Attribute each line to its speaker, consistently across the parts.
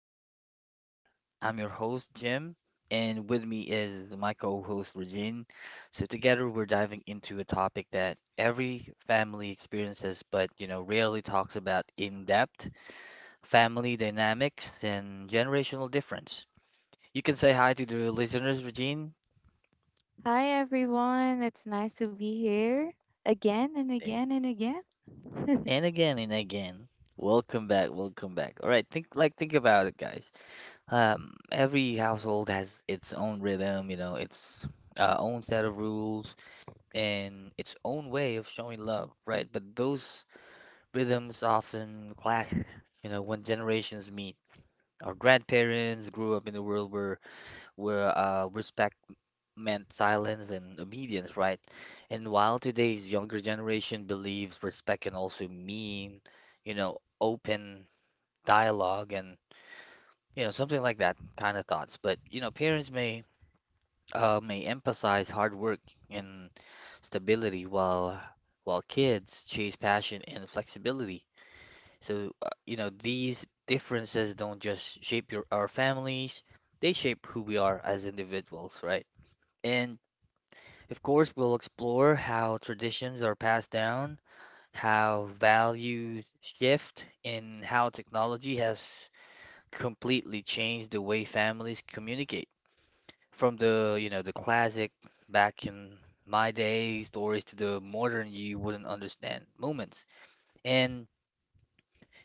Speaker 1: episode again. I'm your host, Jim, and with me is my co-host, Regine. So together we're diving into a topic that every family experiences, but rarely talks about in depth, family dynamics and generational difference. You can say hi to the listeners, Regine.
Speaker 2: Hi everyone, it's nice to be here again and
Speaker 1: Thank-
Speaker 2: again and again.
Speaker 1: and again and again. Welcome back, welcome back. All right, think about it, guys. Every household has its own rhythm, its own set of rules, and its own way of showing love, right? But those rhythms often clash, when generations meet. Our grandparents grew up in a world where respect meant silence and obedience, right? And while today's younger generation believes respect can also mean, open dialogue and something like that kind of thoughts. But parents may emphasize hard work and stability, while kids chase passion and flexibility. So, these differences don't just shape your our families, they shape who we are as individuals, right? And of course, we'll explore how traditions are passed down, how values shift, and how technology has completely changed the way families communicate. From the classic back in my day stories to the modern you wouldn't understand moments. And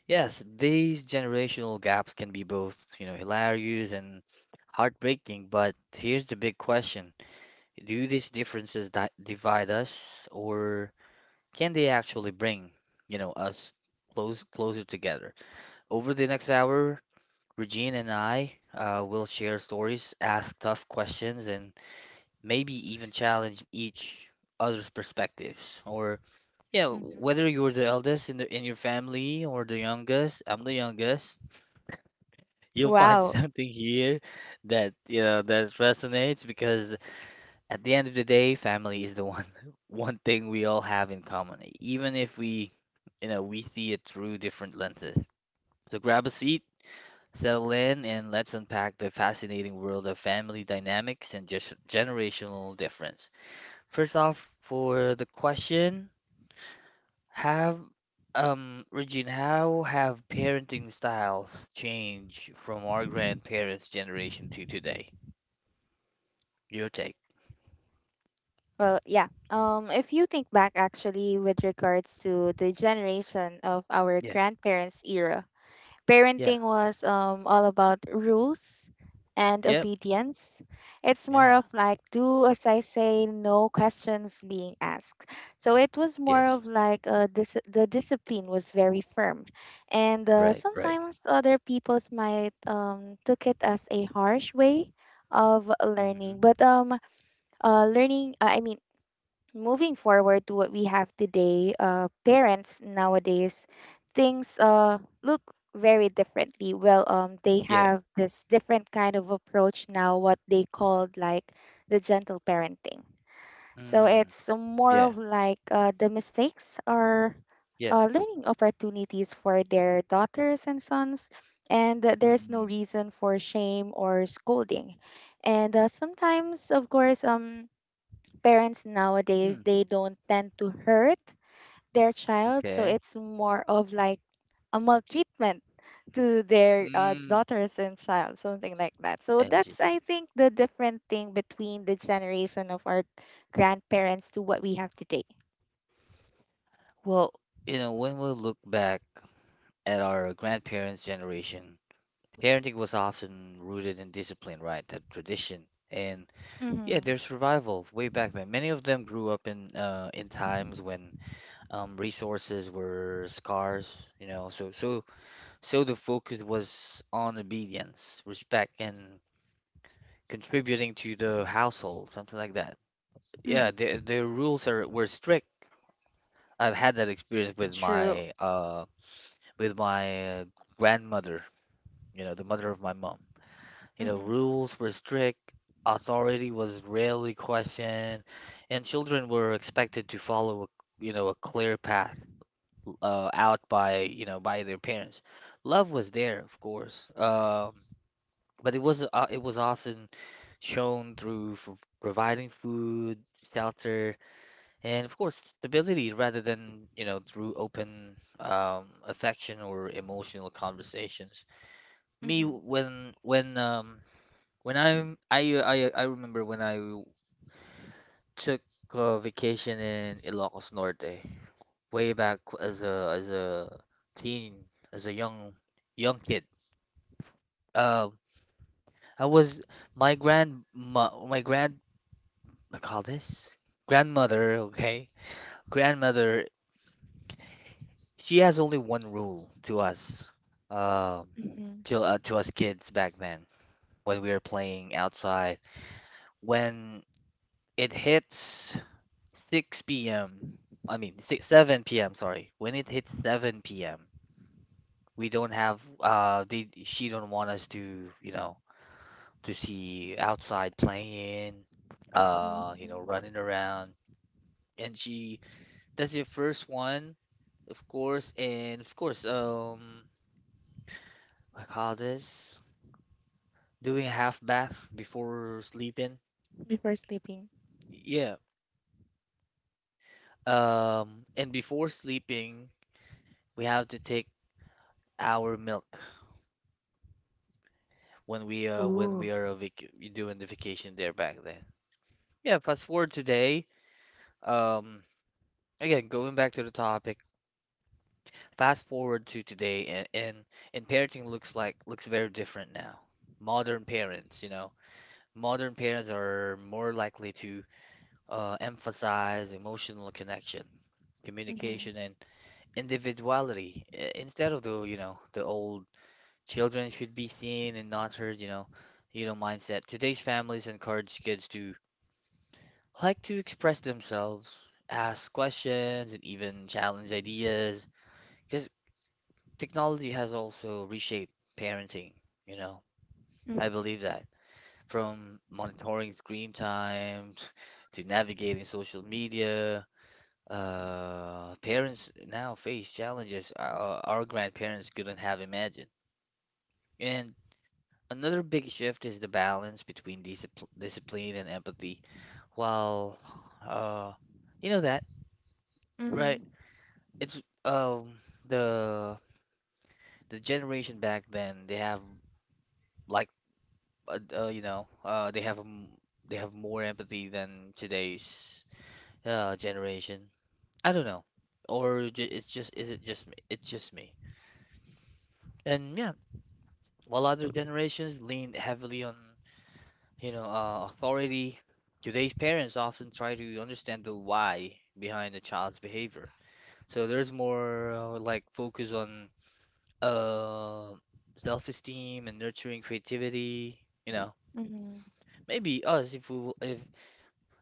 Speaker 1: yes, these generational gaps can be both, hilarious and heartbreaking, but here's the big question. Do these differences di divide us, or can they actually bring, us closer together? Over the next hour, Regine and I will share stories, ask tough questions, and maybe even challenge each other's perspectives. Or yeah,
Speaker 2: Mhm.
Speaker 1: whether you're the eldest in your family or the youngest. I'm the youngest, you'll find
Speaker 2: Wow.
Speaker 1: something here that you know that resonates, because at the end of the day, family is the one one thing we all have in common, even if we you know we see it through different lenses. So grab a seat, settle in, and let's unpack the fascinating world of family dynamics and just generational difference. First off, for the question, have Regine, how have parenting styles changed from our grandparents' generation to today? Your take.
Speaker 2: Well, yeah.
Speaker 1: Mm.
Speaker 2: If you think back, actually, with regards to the generation of our
Speaker 1: Yeah.
Speaker 2: grandparents' era,
Speaker 1: Yeah.
Speaker 2: parenting was all about rules and
Speaker 1: Yep.
Speaker 2: obedience. It's more
Speaker 1: Yeah.
Speaker 2: of like, do as I say, no questions being asked. So it was more
Speaker 1: Yes.
Speaker 2: of like the discipline was very firm, and
Speaker 1: Right. Right.
Speaker 2: sometimes other people's might took it as a harsh way of
Speaker 1: Hmm.
Speaker 2: learning. But learning, I mean moving forward to what we have today, parents nowadays, things look very differently. Well, they
Speaker 1: Yeah.
Speaker 2: have this different kind of approach now, what they called like the gentle parenting. So
Speaker 1: Mm.
Speaker 2: it's more
Speaker 1: Yeah.
Speaker 2: of like the mistakes are
Speaker 1: Yep.
Speaker 2: learning opportunities for their daughters and sons, and that there's no
Speaker 1: Mm-mm.
Speaker 2: reason for shame or scolding. And sometimes, of course, parents nowadays
Speaker 1: Mm.
Speaker 2: they don't tend to hurt their child, so
Speaker 1: Okay.
Speaker 2: it's more of like a maltreatment to their
Speaker 1: Mm.
Speaker 2: daughters and child, something like that. So
Speaker 1: I see.
Speaker 2: that's, I think, the different thing between the generation of our grandparents to what we have today.
Speaker 1: Well, when we look back at our grandparents' generation, parenting was often rooted in discipline, right? That tradition. And yeah,
Speaker 2: Mm-hmm.
Speaker 1: their survival way back then. Many of them grew up in in times when resources were scarce. You know. So the focus was on obedience, respect, and contributing to the household, something like that. Yeah,
Speaker 2: Mm-hmm.
Speaker 1: their rules are were strict. I've had that experience
Speaker 2: True.
Speaker 1: with my grandmother, you know, the mother of my mom. You know,
Speaker 2: Mm-hmm.
Speaker 1: rules were strict, authority was rarely questioned, and children were expected to follow a clear path out by, by their parents. Love was there, of course, but it was often shown through f providing food, shelter, and of course stability, rather than, through open affection or emotional conversations. Me,
Speaker 2: Mm-hmm.
Speaker 1: when I remember when I took a vacation in Ilocos Norte way back as a teen, as a young kid. Um, I was my grand my, my grand I call this grandmother, okay? Grandmother, she has only one rule to us. Um,
Speaker 2: Mm-hmm.
Speaker 1: to us kids back then when we were playing outside. When it hits 6 p.m., I mean, 6 7 p.m. Sorry, when it hits 7 p.m., we don't have they she don't want us to, to see outside playing,
Speaker 2: Mm-hmm.
Speaker 1: running around. And she That's your first one, of course, and of course, I call this doing half bath before sleeping.
Speaker 2: Before sleeping.
Speaker 1: Yeah. And before sleeping, we have to take our milk when we
Speaker 2: Ooh.
Speaker 1: are a vac doing the vacation there back then. Yeah, fast forward today. Um, Again, going back to the topic, fast forward to today, and parenting looks very different now. Modern parents, you know, modern parents are more likely to emphasize emotional connection,
Speaker 2: Mm-hmm.
Speaker 1: communication, and individuality, instead of the you know the old children should be seen and not heard, mindset. Today's families encourage kids to, like, to express themselves, ask questions, and even challenge ideas, because technology has also reshaped parenting, you know.
Speaker 2: Mm-hmm.
Speaker 1: I believe that from monitoring screen time to navigating social media, parents now face challenges our grandparents couldn't have imagined. And another big shift is the balance between discipline and empathy. While, uh, you know that, right?
Speaker 2: Mm-hmm.
Speaker 1: It's the the generation back then, they have like uh, uh, you know uh they have um, they have more empathy than today's generation. I don't know. Or ju it's just is it just me? It's just me. And yeah, while other generations leaned heavily on authority, today's parents often try to understand the why behind a child's behavior. So there's more, like, focus on uh, self-esteem and nurturing creativity. You know,
Speaker 2: Mm-hmm.
Speaker 1: maybe us if we w- if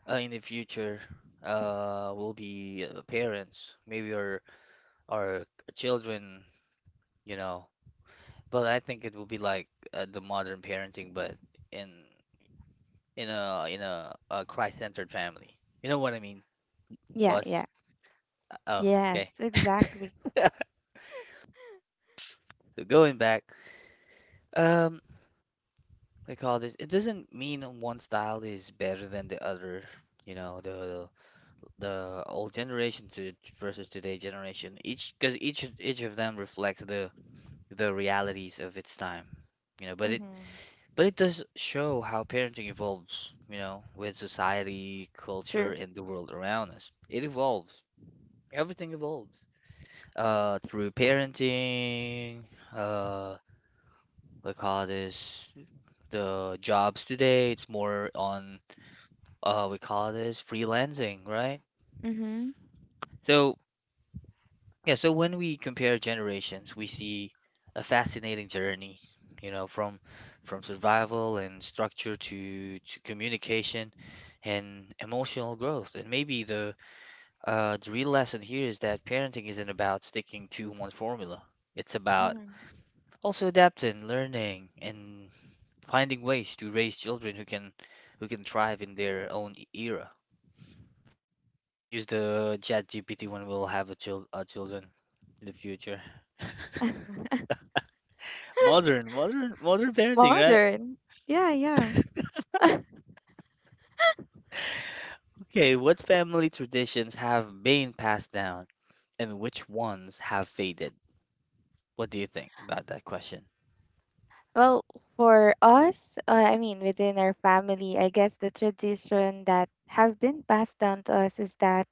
Speaker 1: uh, in the future we'll be parents, maybe our children. You know, but I think it will be like, the modern parenting, but in in a Christ-centered family. You know what I mean,
Speaker 2: Yeah, yeah.
Speaker 1: boss? Oh, okay.
Speaker 2: Yes, exactly.
Speaker 1: So going back, um, they call this, it doesn't mean one style is better than the other. you know the the old generation to versus today generation, each, because each of them reflect the realities of its time. But it
Speaker 2: Mm-hmm.
Speaker 1: but it does show how parenting evolves, with society, culture,
Speaker 2: True.
Speaker 1: and the world around us. It evolves, everything evolves, through parenting. uh we call this, the jobs today, it's more on, we call this freelancing, right?
Speaker 2: Mhm.
Speaker 1: So yeah, so when we compare generations, we see a fascinating journey, from survival and structure to communication and emotional growth. And maybe the real lesson here is that parenting isn't about sticking to one formula. It's about
Speaker 2: Mhm.
Speaker 1: also adapting, learning, and finding ways to raise children who can thrive in their own era. Maybe I can use the Chat GPT when we'll have a child, children in the future. Modern, modern, modern parenting, right?
Speaker 2: Modern. Yeah, yeah.
Speaker 1: Okay, what family traditions have been passed down, and which ones have faded? What do you think about that question?
Speaker 2: Well, for us, I mean, within our family, I guess the tradition that have been passed down to us is that,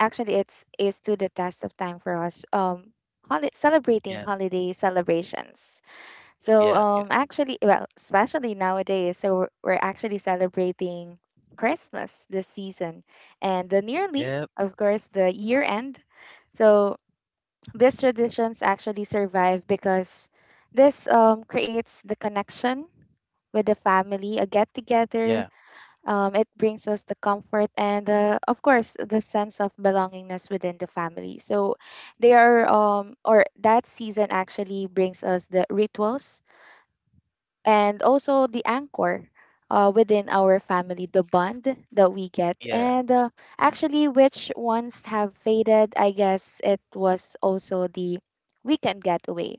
Speaker 2: actually, it's is to the test of time for us. Celebrating
Speaker 1: Yeah,
Speaker 2: holiday celebrations. So,
Speaker 1: yeah, yeah,
Speaker 2: actually, well, especially nowadays, so we're actually celebrating Christmas this season, and the nearly,
Speaker 1: yeah,
Speaker 2: of course, the year end. So these traditions actually survive because this, creates the connection with the family, a get together.
Speaker 1: yeah,
Speaker 2: It brings us the comfort and, of course, the sense of belongingness within the family. So they are, or that season actually brings us the rituals and also the anchor within our family, the bond that we get.
Speaker 1: yeah,
Speaker 2: And
Speaker 1: mm,
Speaker 2: actually, which ones have faded? I guess it was also the weekend getaway.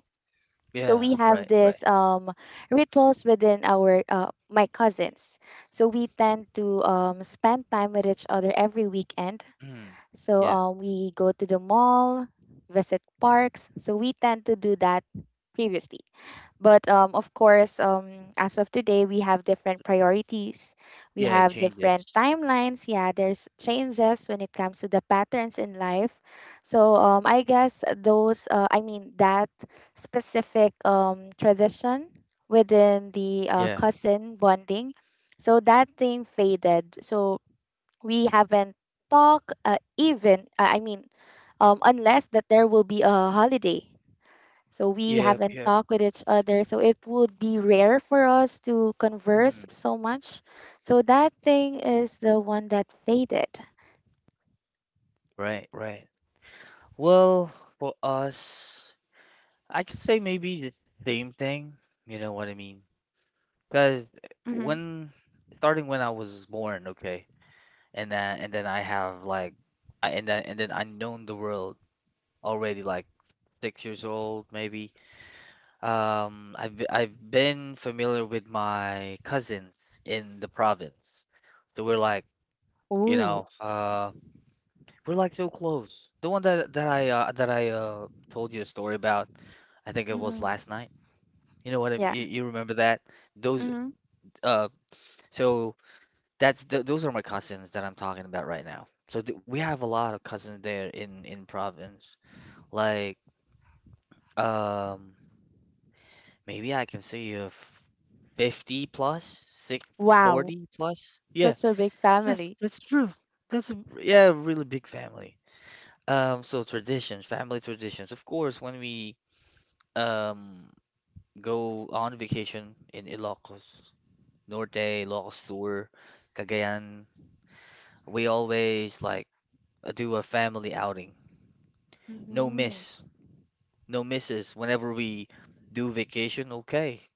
Speaker 2: So
Speaker 1: yeah.
Speaker 2: we have
Speaker 1: Right, right.
Speaker 2: this, rituals within our my cousins. So we tend to spend time with each other every weekend.
Speaker 1: Mm,
Speaker 2: So
Speaker 1: yeah,
Speaker 2: we go to the mall, visit parks. So we tend to do that previously. But of course, as of today, we have different priorities. We
Speaker 1: yeah. It
Speaker 2: have different
Speaker 1: changes.
Speaker 2: timelines. Yeah, there's changes when it comes to the patterns in life. So I guess those, I mean, that specific tradition within the
Speaker 1: Yeah,
Speaker 2: cousin bonding, so that thing faded. So we haven't talked, even, I mean, unless that there will be a holiday, so we
Speaker 1: yeah,
Speaker 2: haven't
Speaker 1: yeah.
Speaker 2: talked with each other. So it would be rare for us to converse
Speaker 1: Mm,
Speaker 2: so much. So that thing is the one that faded.
Speaker 1: right, right. Well, for us, I could say maybe the same thing, you know what I mean? Because
Speaker 2: Mm-hmm.
Speaker 1: when starting when I was born, okay, and then I have like, I, and then I known the world already, like 6 years old maybe. I've been familiar with my cousins in the province, so we're like, you
Speaker 2: Ooh.
Speaker 1: know, uh, we're like so close. The one that I told you a story about, I think it was
Speaker 2: Mm-hmm.
Speaker 1: last night.
Speaker 2: Yeah.
Speaker 1: You remember that? Those
Speaker 2: Mm-hmm.
Speaker 1: uh so that's th those are my cousins that I'm talking about right now. So th we have a lot of cousins there in province. Like, um maybe I can say of 50 plus, six
Speaker 2: Wow.
Speaker 1: forty plus. Yeah.
Speaker 2: Such a big
Speaker 1: Yes,
Speaker 2: family.
Speaker 1: that's true. That's a, yeah, a really big family. So traditions, family traditions. Of course, when we um go on vacation in Ilocos Norte, Ilocos Sur, Cagayan, we always, like, do a family outing. No
Speaker 2: Mm-hmm.
Speaker 1: miss, no misses. Whenever we do vacation, okay.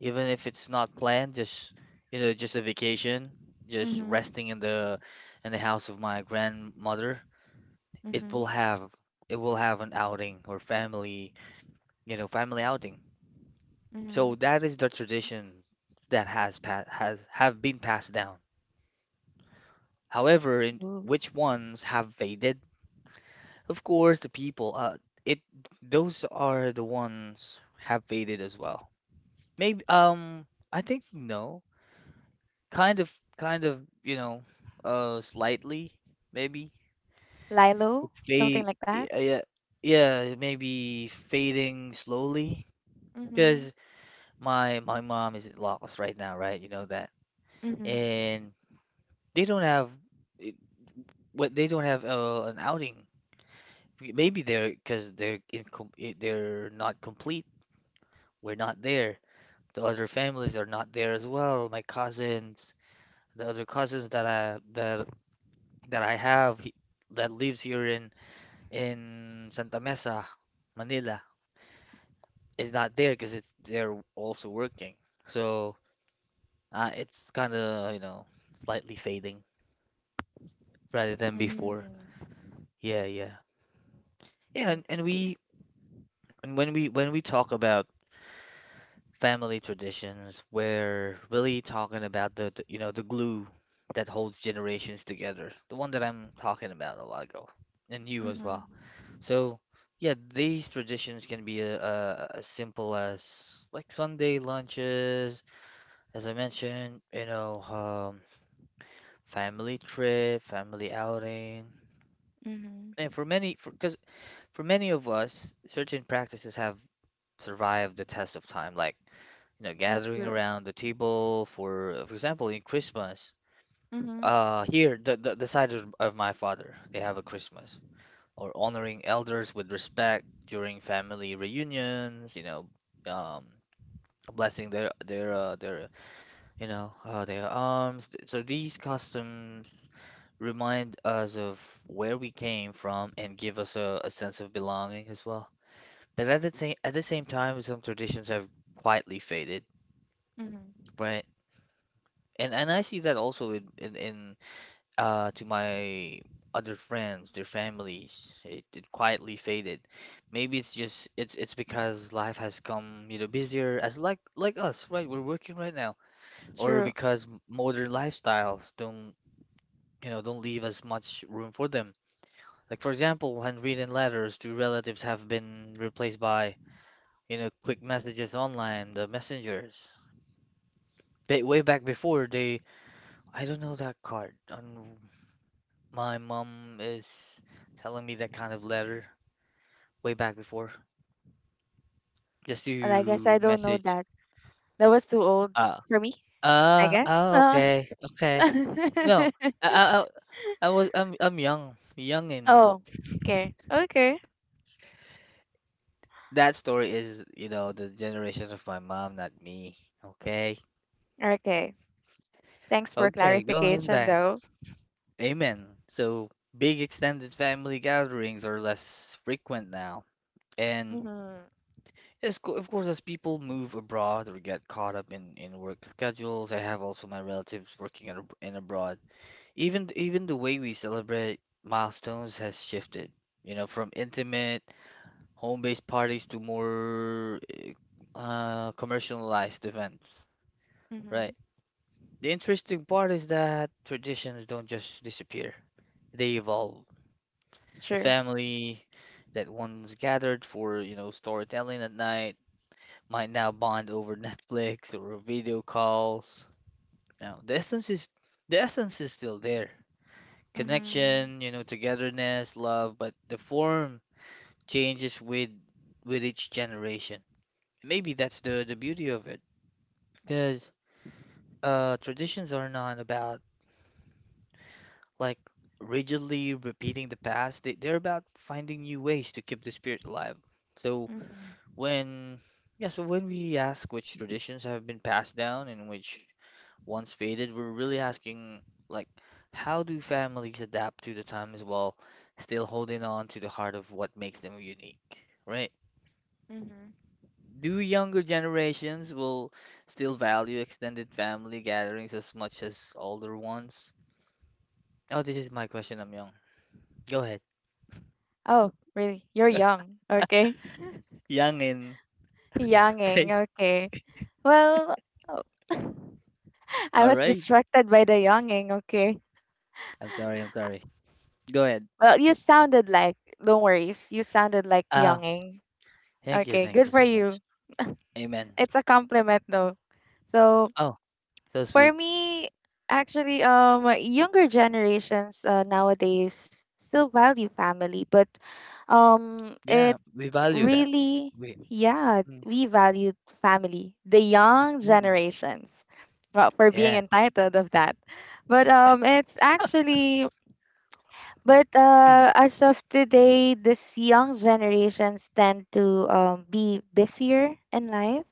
Speaker 1: Even if it's not planned, just, just a vacation, just
Speaker 2: Mm-hmm.
Speaker 1: resting in the house of my grandmother. It
Speaker 2: Mm-hmm.
Speaker 1: will have an outing, or family, family outing. So
Speaker 2: Mm-hmm.
Speaker 1: that is the tradition that has pa has have been passed down. However, in
Speaker 2: Ooh.
Speaker 1: which ones have faded? Of course, the people. It, those are the ones have faded as well. Maybe, I think, no, kind of, kind of, slightly maybe. It
Speaker 2: Lilo, something
Speaker 1: fade,
Speaker 2: like that.
Speaker 1: yeah, yeah, maybe fading slowly.
Speaker 2: Mm-hmm.
Speaker 1: Because my mom is in Lagos right now, right? You know that,
Speaker 2: Mm-hmm.
Speaker 1: and they don't have it- what they don't have, an outing. Maybe they're because they're not complete. We're not there, the other families are not there as well. My cousins, the other cousins that I that lives here in Santa Mesa, Manila, is not there because it's they're also working. So it's kind of slightly fading rather than
Speaker 2: Mm-hmm.
Speaker 1: before. Yeah, yeah, yeah. And, and
Speaker 2: Okay.
Speaker 1: we and when we when we talk about family traditions. We're really talking about the you know the glue that holds generations together. The one that I'm talking about a while ago, and you as well.
Speaker 2: Mm-hmm.
Speaker 1: So yeah, these traditions can be as simple as like Sunday lunches, as I mentioned, family trip, family outing. And
Speaker 2: Mm-hmm.
Speaker 1: for many, because for 'cause for many of us, certain practices have survived the test of time, like
Speaker 2: Mm.
Speaker 1: gathering
Speaker 2: True.
Speaker 1: around the table for example, in Christmas.
Speaker 2: Mm-hmm.
Speaker 1: Here, the side of my father, they have a Christmas or honoring elders with respect during family reunions, um, blessing their you know their arms. So these customs remind us of where we came from and give us a sense of belonging as well. But at the same time, some traditions have quietly faded,
Speaker 2: Mm-hmm.
Speaker 1: right? And I see that also in to my other friends, their families. It quietly faded. Maybe it's just it's because life has come, busier as like us, right? We're working right now. Or
Speaker 2: True.
Speaker 1: because modern lifestyles don't, you know, don't leave as much room for them. Like for example, handwritten letters to relatives have been replaced by, quick messages online, the messengers. Way back before they I don't know that card. On My mom is telling me that kind of letter way back before, just
Speaker 2: But I guess I
Speaker 1: to
Speaker 2: don't know
Speaker 1: message.
Speaker 2: that. That was too old
Speaker 1: Uh,
Speaker 2: for me, I guess.
Speaker 1: oh, okay, okay. No, I, I, I I I'm young, and
Speaker 2: Oh, okay, okay,
Speaker 1: that story is, the generation of my mom, not me. Okay,
Speaker 2: okay. Thanks for
Speaker 1: okay, going
Speaker 2: clarification,
Speaker 1: back.
Speaker 2: though.
Speaker 1: Amen. So big extended family gatherings are less frequent now, and
Speaker 2: Mhm.
Speaker 1: yes, of course, as people move abroad or get caught up in work schedules. I have also my relatives working in abroad. Even the way we celebrate milestones has shifted. You know, from intimate home-based parties to more commercialized events,
Speaker 2: Mhm.
Speaker 1: right? The interesting part is that traditions don't just disappear; they evolve. A
Speaker 2: True.
Speaker 1: family that once gathered for, storytelling at night might now bond over Netflix or video calls. Now, the essence is still there.
Speaker 2: Mhm.
Speaker 1: Connection, togetherness, love, but the form changes with each generation. Maybe that's the beauty of it, because traditions are not about like rigidly repeating the past. They're about finding new ways to keep the spirit alive. So
Speaker 2: Mhm.
Speaker 1: when Yeah, so when we ask which traditions have been passed down and which once faded, we're really asking, like, how do families adapt to the times while still holding on to the heart of what makes them unique, right?
Speaker 2: Mhm.
Speaker 1: Do younger generations will still value extended family gatherings as much as older ones? Oh, this is my question, I'm young. Go ahead.
Speaker 2: Oh, really? You're young. Okay.
Speaker 1: Young and
Speaker 2: Younging.
Speaker 1: okay.
Speaker 2: Okay. Well, oh, I
Speaker 1: All
Speaker 2: was
Speaker 1: right.
Speaker 2: distracted by the younging. Okay.
Speaker 1: I'm sorry, I'm sorry. Go ahead.
Speaker 2: Well, you sounded like. Don't worry. You sounded like
Speaker 1: Uh,
Speaker 2: younging.
Speaker 1: Thank you,
Speaker 2: Okay.
Speaker 1: thank
Speaker 2: Good
Speaker 1: you
Speaker 2: for
Speaker 1: so much.
Speaker 2: you.
Speaker 1: Amen.
Speaker 2: It's a compliment, though. So
Speaker 1: Oh, so
Speaker 2: for
Speaker 1: sweet.
Speaker 2: me, actually, younger generations nowadays still value family, but it
Speaker 1: Yeah, we value that.
Speaker 2: really,
Speaker 1: We,
Speaker 2: yeah,
Speaker 1: mm,
Speaker 2: we value family. The young
Speaker 1: mm,
Speaker 2: generations, well, for being
Speaker 1: yeah.
Speaker 2: entitled of that, but it's actually, but
Speaker 1: Mm.
Speaker 2: as of today, this young generations tend to be busier in life,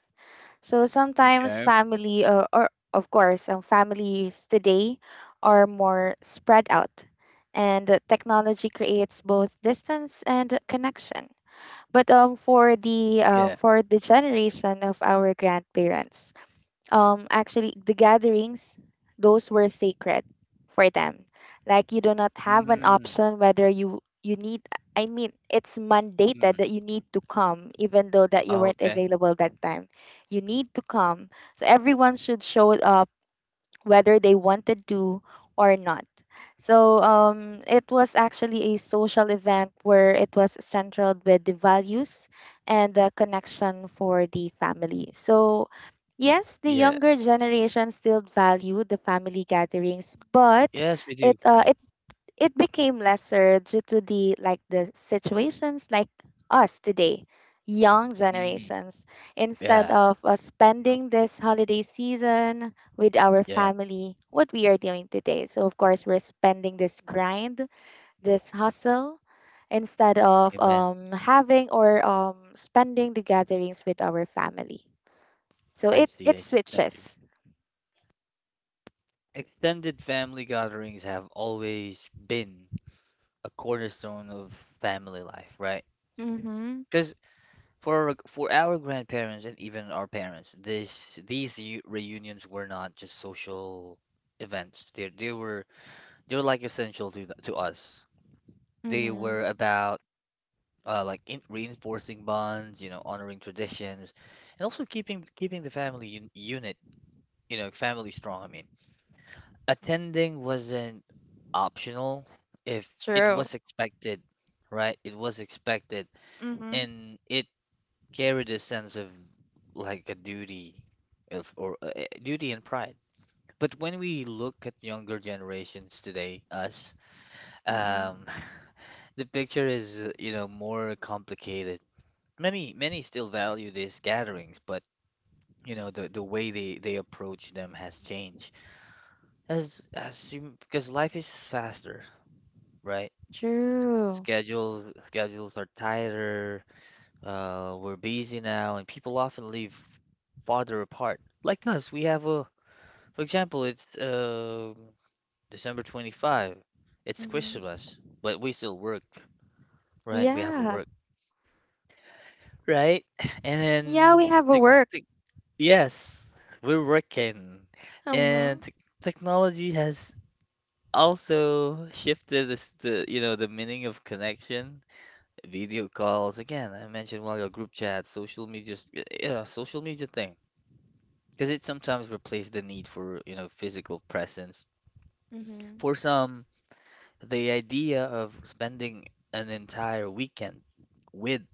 Speaker 2: so sometimes
Speaker 1: Okay.
Speaker 2: family, or of course, families today are more spread out, and technology creates both distance and connection. But for the
Speaker 1: Yeah.
Speaker 2: generation of our grandparents, actually the gatherings, those were sacred for them. Like, you do not have an
Speaker 1: Mm.
Speaker 2: option whether you need, I mean, it's mandated
Speaker 1: Mm.
Speaker 2: that you need to come, even though that you weren't
Speaker 1: Okay.
Speaker 2: available that time, you need to come. So everyone should show up whether they wanted to or not. So it was actually a social event where it was centered with the values and the connection for the family. So yes, the
Speaker 1: Yeah.
Speaker 2: younger generation still value the family gatherings, but
Speaker 1: Yes, we do.
Speaker 2: it uh,
Speaker 1: Yeah.
Speaker 2: it became lesser due to the, like, the situations like us today, young
Speaker 1: Mm.
Speaker 2: generations. Instead
Speaker 1: Yeah.
Speaker 2: of us spending this holiday season with our
Speaker 1: Yeah.
Speaker 2: family, what we are doing today, so of course, we're spending this grind, this hustle, instead of
Speaker 1: Amen.
Speaker 2: having or spending the gatherings with our family, so
Speaker 1: I
Speaker 2: it
Speaker 1: see.
Speaker 2: it
Speaker 1: I see. Thank you.
Speaker 2: switches.
Speaker 1: Extended family gatherings have always been a cornerstone of family life, right?
Speaker 2: Mm-hmm.
Speaker 1: Because for our grandparents and even our parents, this these u- reunions were not just social events. They were like essential to us. They
Speaker 2: Mm-hmm.
Speaker 1: were about like in reinforcing bonds, honoring traditions, and also keeping the family un unit, family strong. I mean, attending wasn't optional if it
Speaker 2: True.
Speaker 1: was expected, right? It was expected,
Speaker 2: Mm-hmm.
Speaker 1: and it carried a sense of like a duty of or duty and pride. But when we look at younger generations today, us,
Speaker 2: Mm-hmm.
Speaker 1: um, the picture is, more complicated. Many still value these gatherings, but the way they approach them has changed as you, because life is faster, right?
Speaker 2: True.
Speaker 1: Schedules are tighter. We're busy now, and people often live farther apart. Like us, we have a for example, it's December 25. It's Christmas, but we still work, right? We have a
Speaker 2: Yeah.
Speaker 1: work, right? And
Speaker 2: Yeah,
Speaker 1: then.
Speaker 2: we have a work.
Speaker 1: Yes, we're working,
Speaker 2: Mm-hmm.
Speaker 1: and technology has also shifted this, the you know the meaning of connection. Video calls again. I mentioned while your group chat, social media, yeah, social media thing, because it sometimes replaced the need for physical presence.
Speaker 2: Mm-hmm.
Speaker 1: For some, the idea of spending an entire weekend with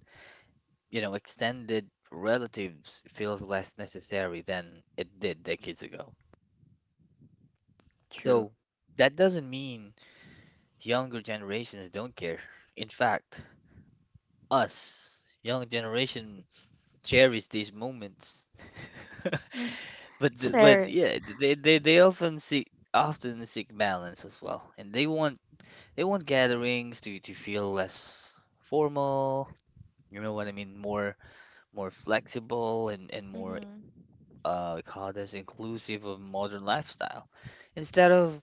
Speaker 1: extended relatives feels less necessary than it did decades ago.
Speaker 2: True.
Speaker 1: Though that doesn't mean younger generations don't care. In fact, us, young generation, cherish these moments.
Speaker 2: Mm.
Speaker 1: But but
Speaker 2: Shares.
Speaker 1: yeah, they often seek balance as well, and they want gatherings to feel less formal. You know what I mean? More flexible and more,
Speaker 2: Mm-hmm.
Speaker 1: we call this inclusive of modern lifestyle, instead of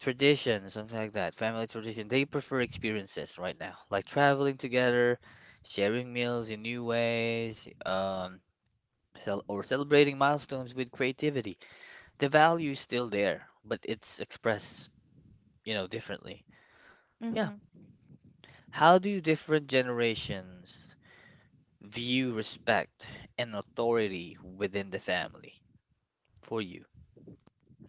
Speaker 1: tradition, something like that, family tradition. They prefer experiences right now, like traveling together, sharing meals in new ways, cel- or celebrating milestones with creativity. The value is still there, but it's expressed, differently. Yeah.
Speaker 2: Mm-hmm.
Speaker 1: How do different generations view respect and authority within the family for you?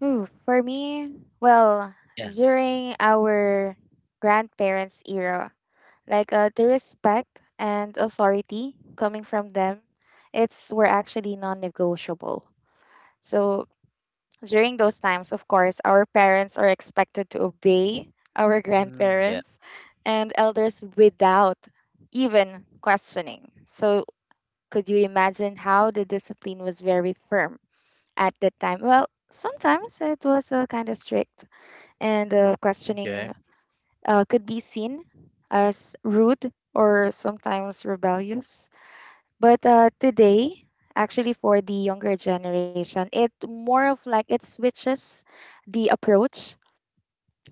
Speaker 2: Ooh, for me, well,
Speaker 1: Yeah.
Speaker 2: during our grandparents' era, like, the respect and authority coming from them, it's were actually non-negotiable. So during those times, of course, our parents are expected to obey our
Speaker 1: Mm, yeah.
Speaker 2: grandparents and elders without even questioning. So, could you imagine how the discipline was very firm at that time? Well, sometimes it was kind of strict, and
Speaker 1: Okay.
Speaker 2: questioning could be seen as rude or sometimes rebellious. But today, actually for the younger generation, it more of like it switches the approach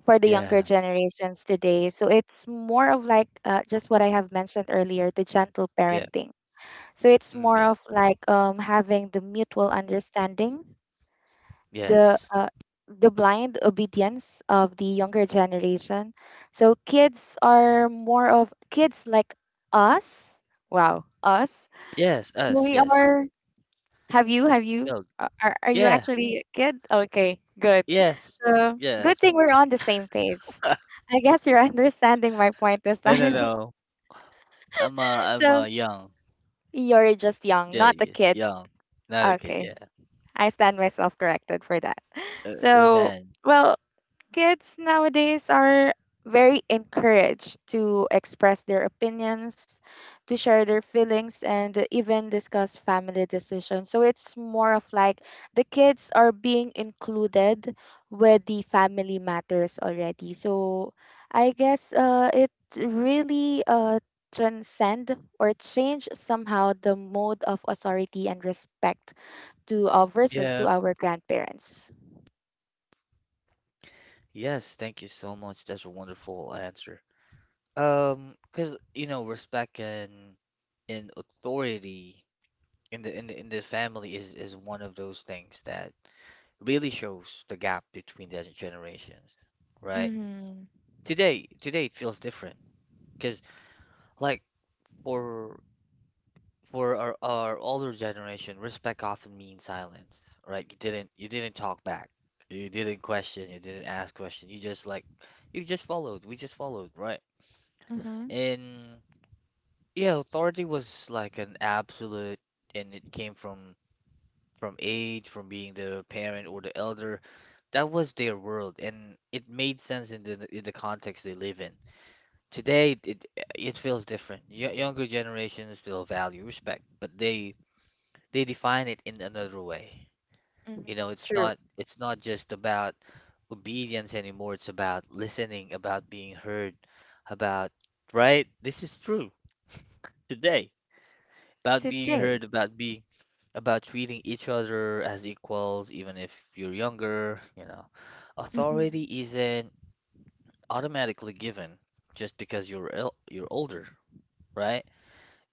Speaker 2: for the younger
Speaker 1: Yeah.
Speaker 2: generations today. So it's more of like just what I have mentioned earlier, the gentle
Speaker 1: Yeah.
Speaker 2: parenting. So it's
Speaker 1: Mm,
Speaker 2: more
Speaker 1: yeah.
Speaker 2: of like having the mutual understanding, the
Speaker 1: Yes.
Speaker 2: uh, the blind obedience of the younger generation. So kids are more of kids like us. Wow, us.
Speaker 1: Yes.
Speaker 2: So
Speaker 1: Us.
Speaker 2: we
Speaker 1: Yes.
Speaker 2: are. Have you? Have you?
Speaker 1: Go.
Speaker 2: Are you
Speaker 1: Yeah.
Speaker 2: actually good? Okay, good.
Speaker 1: Yes,
Speaker 2: So
Speaker 1: yeah.
Speaker 2: good thing we're on the same page. I guess you're understanding my point this
Speaker 1: No, no,
Speaker 2: time.
Speaker 1: no. I'm a I'm
Speaker 2: So
Speaker 1: a young.
Speaker 2: you're just young,
Speaker 1: Yeah,
Speaker 2: not a
Speaker 1: y
Speaker 2: kid.
Speaker 1: young. Not a kid,
Speaker 2: Okay,
Speaker 1: yeah.
Speaker 2: I stand myself corrected for that.
Speaker 1: A
Speaker 2: So,
Speaker 1: man.
Speaker 2: well, kids nowadays are very encouraged to express their opinions, to share their feelings, and even discuss family decisions. So it's more of like the kids are being included with the family matters already. So I guess it really transcend or change somehow the mode of authority and respect to our versus to
Speaker 1: Yeah.
Speaker 2: our grandparents.
Speaker 1: Yes, thank you so much. That's a wonderful answer. Because respect and authority in the family is one of those things that really shows the gap between the generations, right?
Speaker 2: Mm-hmm.
Speaker 1: Today it feels different. Cause like for For our older generation, respect often means silence, right? You didn't talk back. You didn't question, you didn't ask question. You just followed. We just followed, right?
Speaker 2: Mm-hmm.
Speaker 1: And yeah, authority was like an absolute and it came from age, from being the parent or the elder. That was their world and it made sense in the context they live in. Today it feels different. Y younger generations still value respect, but they define it in another way.
Speaker 2: Mhm.
Speaker 1: You know, it's
Speaker 2: True.
Speaker 1: not it's not just about obedience anymore. It's about listening, about being heard, about right? This is true today. About being
Speaker 2: Today.
Speaker 1: heard, about treating each other as equals, even if you're younger, you know.
Speaker 2: Mhm.
Speaker 1: Authority isn't automatically given just because you're older, right?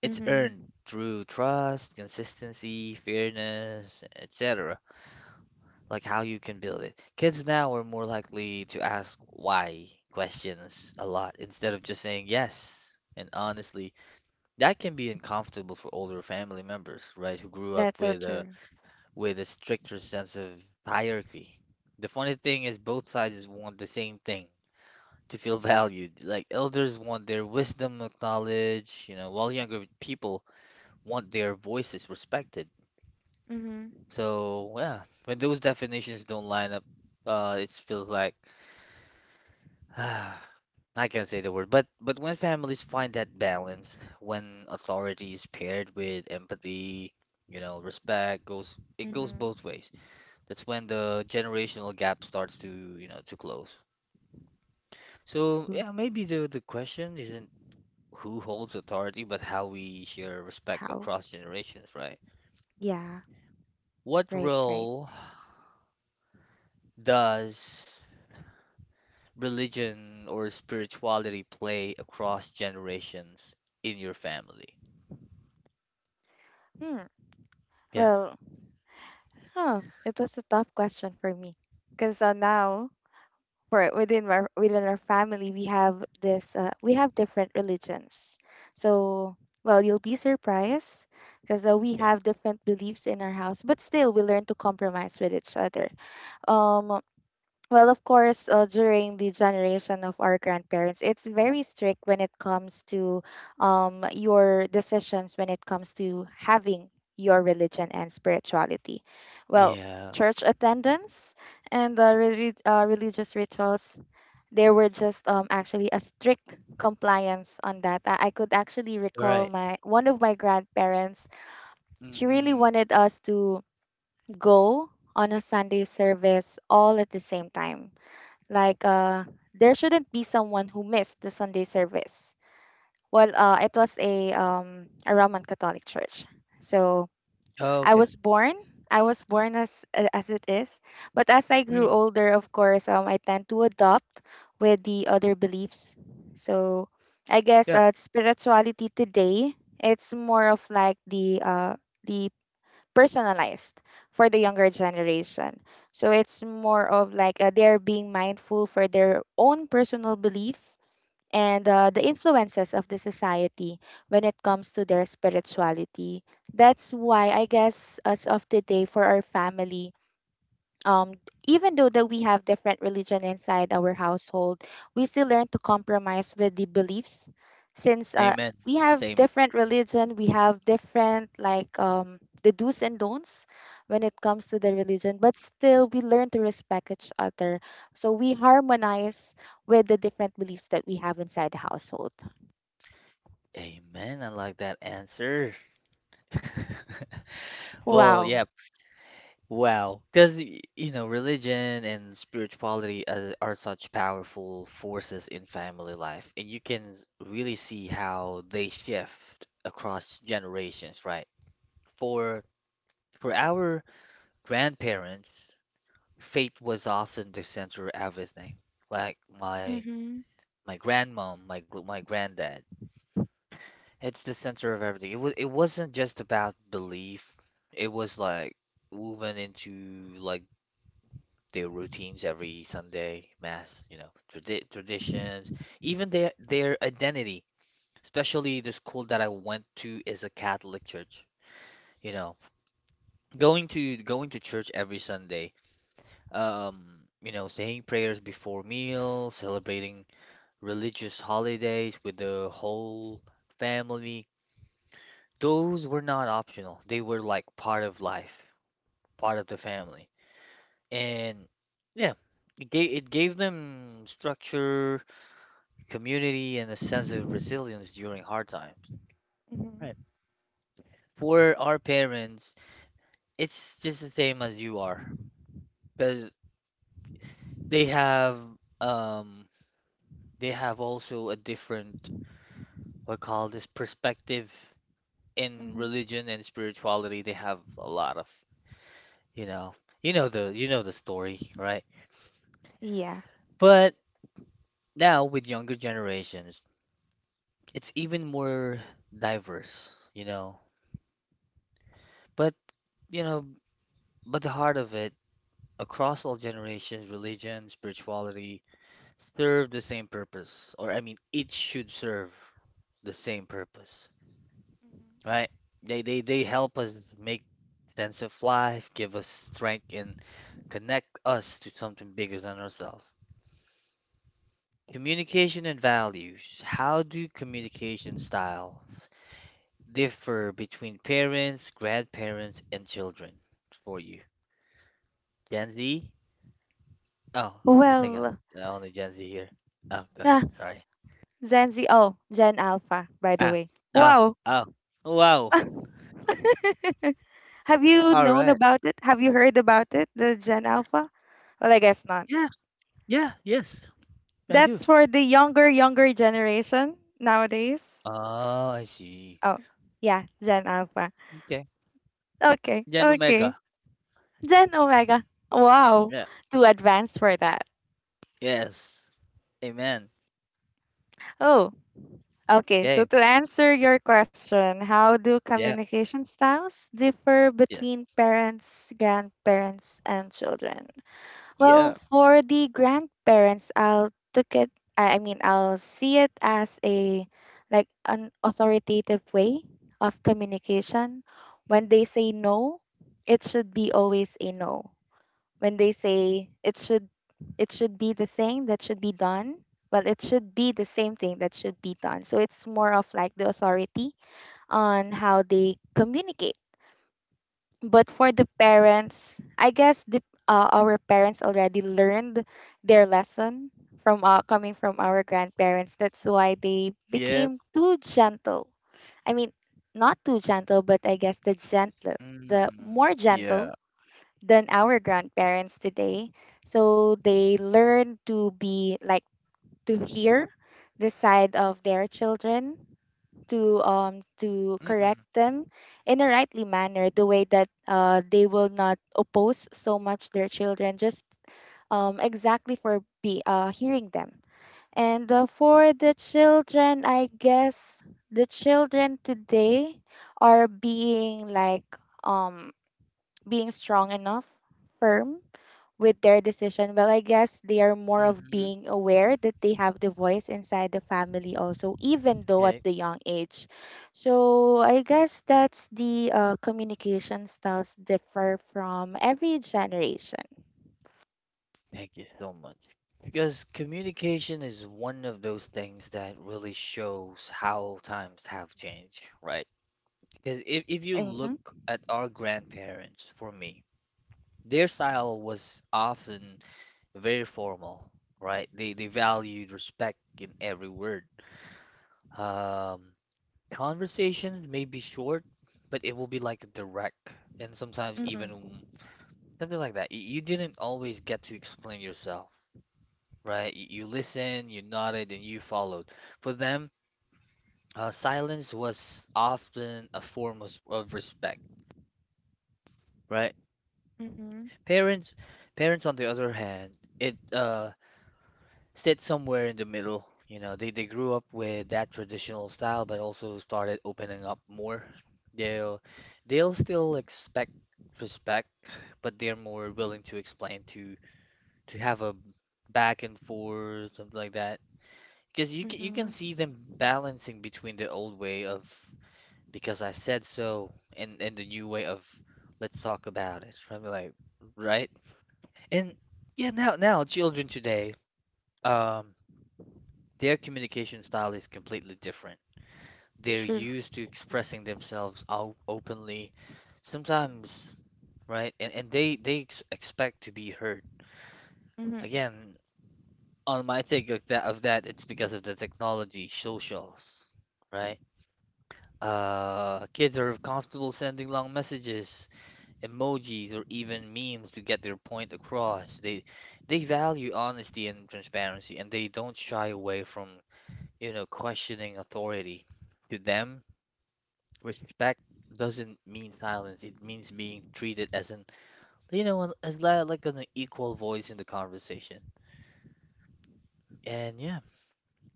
Speaker 1: It's
Speaker 2: Mhm.
Speaker 1: earned through trust, consistency, fairness, etc. like how you can build it. Kids now are more likely to ask why questions a lot instead of just saying yes. And honestly, that can be uncomfortable for older family members, right, who grew up
Speaker 2: That's so
Speaker 1: with a
Speaker 2: true.
Speaker 1: with a stricter sense of hierarchy. The funny thing is both sides want the same thing, to feel valued. Like elders want their wisdom acknowledged, while younger people want their voices respected.
Speaker 2: Mhm.
Speaker 1: So, yeah, when those definitions don't line up, it feels like Ah, I can't say the word, but when families find that balance, when authority is paired with empathy, respect goes it goes
Speaker 2: Mhm.
Speaker 1: both ways. That's when the generational gap starts to close. So
Speaker 2: Who?
Speaker 1: yeah, maybe the question isn't who holds authority, but how we share respect
Speaker 2: How?
Speaker 1: across generations, right?
Speaker 2: Yeah.
Speaker 1: What
Speaker 2: Right. Right.
Speaker 1: role does religion or spirituality play across generations in your family?
Speaker 2: Hmm.
Speaker 1: Yeah.
Speaker 2: Well. Huh. It was a tough question for me, because now, for within our family we have this, we have different religions. So, well, you'll be surprised because we have different beliefs in our house, but still we learn to compromise with each other. Um. Well, of course, during the generation of our grandparents, it's very strict when it comes to your decisions when it comes to having your religion and spirituality. Well,
Speaker 1: Yeah,
Speaker 2: church attendance and religious rituals, there were just actually a strict compliance on that. I could actually recall
Speaker 1: right.
Speaker 2: my one of my grandparents. She really
Speaker 1: Mm-mm.
Speaker 2: wanted us to go on a Sunday service all at the same time, like, there shouldn't be someone who missed the Sunday service. Well, it was a, Roman Catholic church. So
Speaker 1: Oh,
Speaker 2: I
Speaker 1: okay.
Speaker 2: was born. I was born as it is, but as I grew
Speaker 1: Mm,
Speaker 2: older, of course, I tend to adopt with the other beliefs. So I guess
Speaker 1: yep.
Speaker 2: spirituality today, it's more of like the personalized for the younger generation. So it's more of like they're being mindful for their own personal belief, and the influences of the society when it comes to their spirituality. That's why I guess as of today, for our family, um, even though that we have different religion inside our household, we still learn to compromise with the beliefs, since
Speaker 1: Amen.
Speaker 2: we have
Speaker 1: Same.
Speaker 2: different religion, we have different, like, the do's and don'ts when it comes to the religion, but still we learn to respect each other. So we harmonize with the different beliefs that we have inside the household.
Speaker 1: Amen. I like that answer. Well,
Speaker 2: Wow.
Speaker 1: yeah. Wow. Because, religion and spirituality are such powerful forces in family life, and you can really see how they shift across generations, right? For for our grandparents, faith was often the center of everything. Like my
Speaker 2: Mm-hmm.
Speaker 1: my grandmom, my granddad. It's the center of everything. It wasn't just about belief. It was like woven into like their routines every Sunday mass, traditions, even their identity. Especially the school that I went to is a Catholic church. You know, going to church every Sunday. Um, saying prayers before meals, celebrating religious holidays with the whole family. Those were not optional. They were like part of life, part of the family. And yeah, it gave them structure, community, and a sense of resilience during hard times. Right.
Speaker 2: Mm-hmm.
Speaker 1: For our parents, it's just the same as you are, because they have um they have also a different what call this perspective in
Speaker 2: Mm-hmm.
Speaker 1: religion and spirituality. They have a lot of you know you know the story, right?
Speaker 2: Yeah.
Speaker 1: But now, with younger generations, it's even more diverse, you know. But, you know, but the heart of it, across all generations, religion, spirituality serve the same purpose, or I mean, it should serve the same purpose, right? They help us make sense of life, give us strength, and connect us to something bigger than ourselves. Communication and values. How do communication styles differ between parents, grandparents, and children for you? Gen Z? Oh,
Speaker 2: Mhm.
Speaker 1: I think I'm
Speaker 2: Well,
Speaker 1: the only Gen Z here. Oh, go ahead. Sorry.
Speaker 2: Gen Z. Oh, Gen Alpha, by the
Speaker 1: Ah,
Speaker 2: way.
Speaker 1: oh,
Speaker 2: Wow.
Speaker 1: oh, wow.
Speaker 2: Have you
Speaker 1: All
Speaker 2: known
Speaker 1: right.
Speaker 2: about it? Have you heard about it, the Gen Alpha? Well, I guess not.
Speaker 1: Yeah, yeah, yes, I do.
Speaker 2: That's for the younger, younger generation nowadays.
Speaker 1: Oh, I see.
Speaker 2: Oh, yeah, Gen Alpha.
Speaker 1: Okay.
Speaker 2: Okay,
Speaker 1: Gen
Speaker 2: okay.
Speaker 1: Omega.
Speaker 2: Gen Omega. Wow,
Speaker 1: Yeah.
Speaker 2: too advanced for that.
Speaker 1: Yes. Amen.
Speaker 2: Oh, okay. So
Speaker 1: Okay.
Speaker 2: to answer your question, how do
Speaker 1: Yeah.
Speaker 2: communication styles differ
Speaker 1: Yes.
Speaker 2: between parents, grandparents, and children? Well,
Speaker 1: Yeah.
Speaker 2: for the grandparents, I'll took it. I mean, I'll see it as a, like, an authoritative way of communication. When they say no, it should be always a no. When they say it should be the thing that should be done. Well, it should be the same thing that should be done. So it's more of like the authority on how they communicate, but for the parents, I guess the our parents already learned their lesson from coming from our grandparents. That's why they
Speaker 1: Yeah.
Speaker 2: became too gentle. I mean, not too gentle, but I guess the gentle, the
Speaker 1: Mm-mm.
Speaker 2: more
Speaker 1: Yeah.
Speaker 2: gentle than our grandparents today. So they learn to be like to hear the side of their children, to to correct
Speaker 1: Mm-mm.
Speaker 2: them in a rightly manner, the way that they will not oppose so much their children, just exactly for be hearing them. And for the children, I guess the children today are being like, um being strong enough, firm with their decision. Well, I guess they are more of
Speaker 1: Mm-hmm.
Speaker 2: being aware that they have the voice inside the family also, even though at
Speaker 1: Okay.
Speaker 2: the young age. So I guess that's the communication styles differ from every generation.
Speaker 1: Thank you so much. Because communication is one of those things that really shows how times have changed, right? Because if you look
Speaker 2: Mm-hmm.
Speaker 1: at our grandparents, for me, their style was often very formal, right? They valued respect in every word. Um, Conversations may be short, but it will be like direct and sometimes
Speaker 2: Mm-hmm.
Speaker 1: even something like that. You didn't always get to explain yourself, right? You listened, you nodded, and you followed. For them, silence was often a form of respect, right?
Speaker 2: Mm-hmm.
Speaker 1: Parents, parents, on the other hand, it stayed somewhere in the middle. You know, they grew up with that traditional style, but also started opening up more. They'll they'll still expect respect, but they're more willing to explain to have a back and forth, something like that. Because you can
Speaker 2: Mm-hmm.
Speaker 1: see them balancing between the old way of because I said so and the new way of let's talk about it. Right? Like, right? And yeah, now children today, um, their communication style is completely different. They're
Speaker 2: True.
Speaker 1: used to expressing themselves out openly, sometimes, right? And they ex expect to be heard.
Speaker 2: Mm-hmm.
Speaker 1: Again, on my take of that, it's because of the technology, socials, right? Kids are comfortable sending long messages, emojis, or even memes to get their point across. They value honesty and transparency, and they don't shy away from, you know, questioning authority. To them, respect doesn't mean silence. It means being treated as an, you know, like an equal voice in the conversation. And yeah,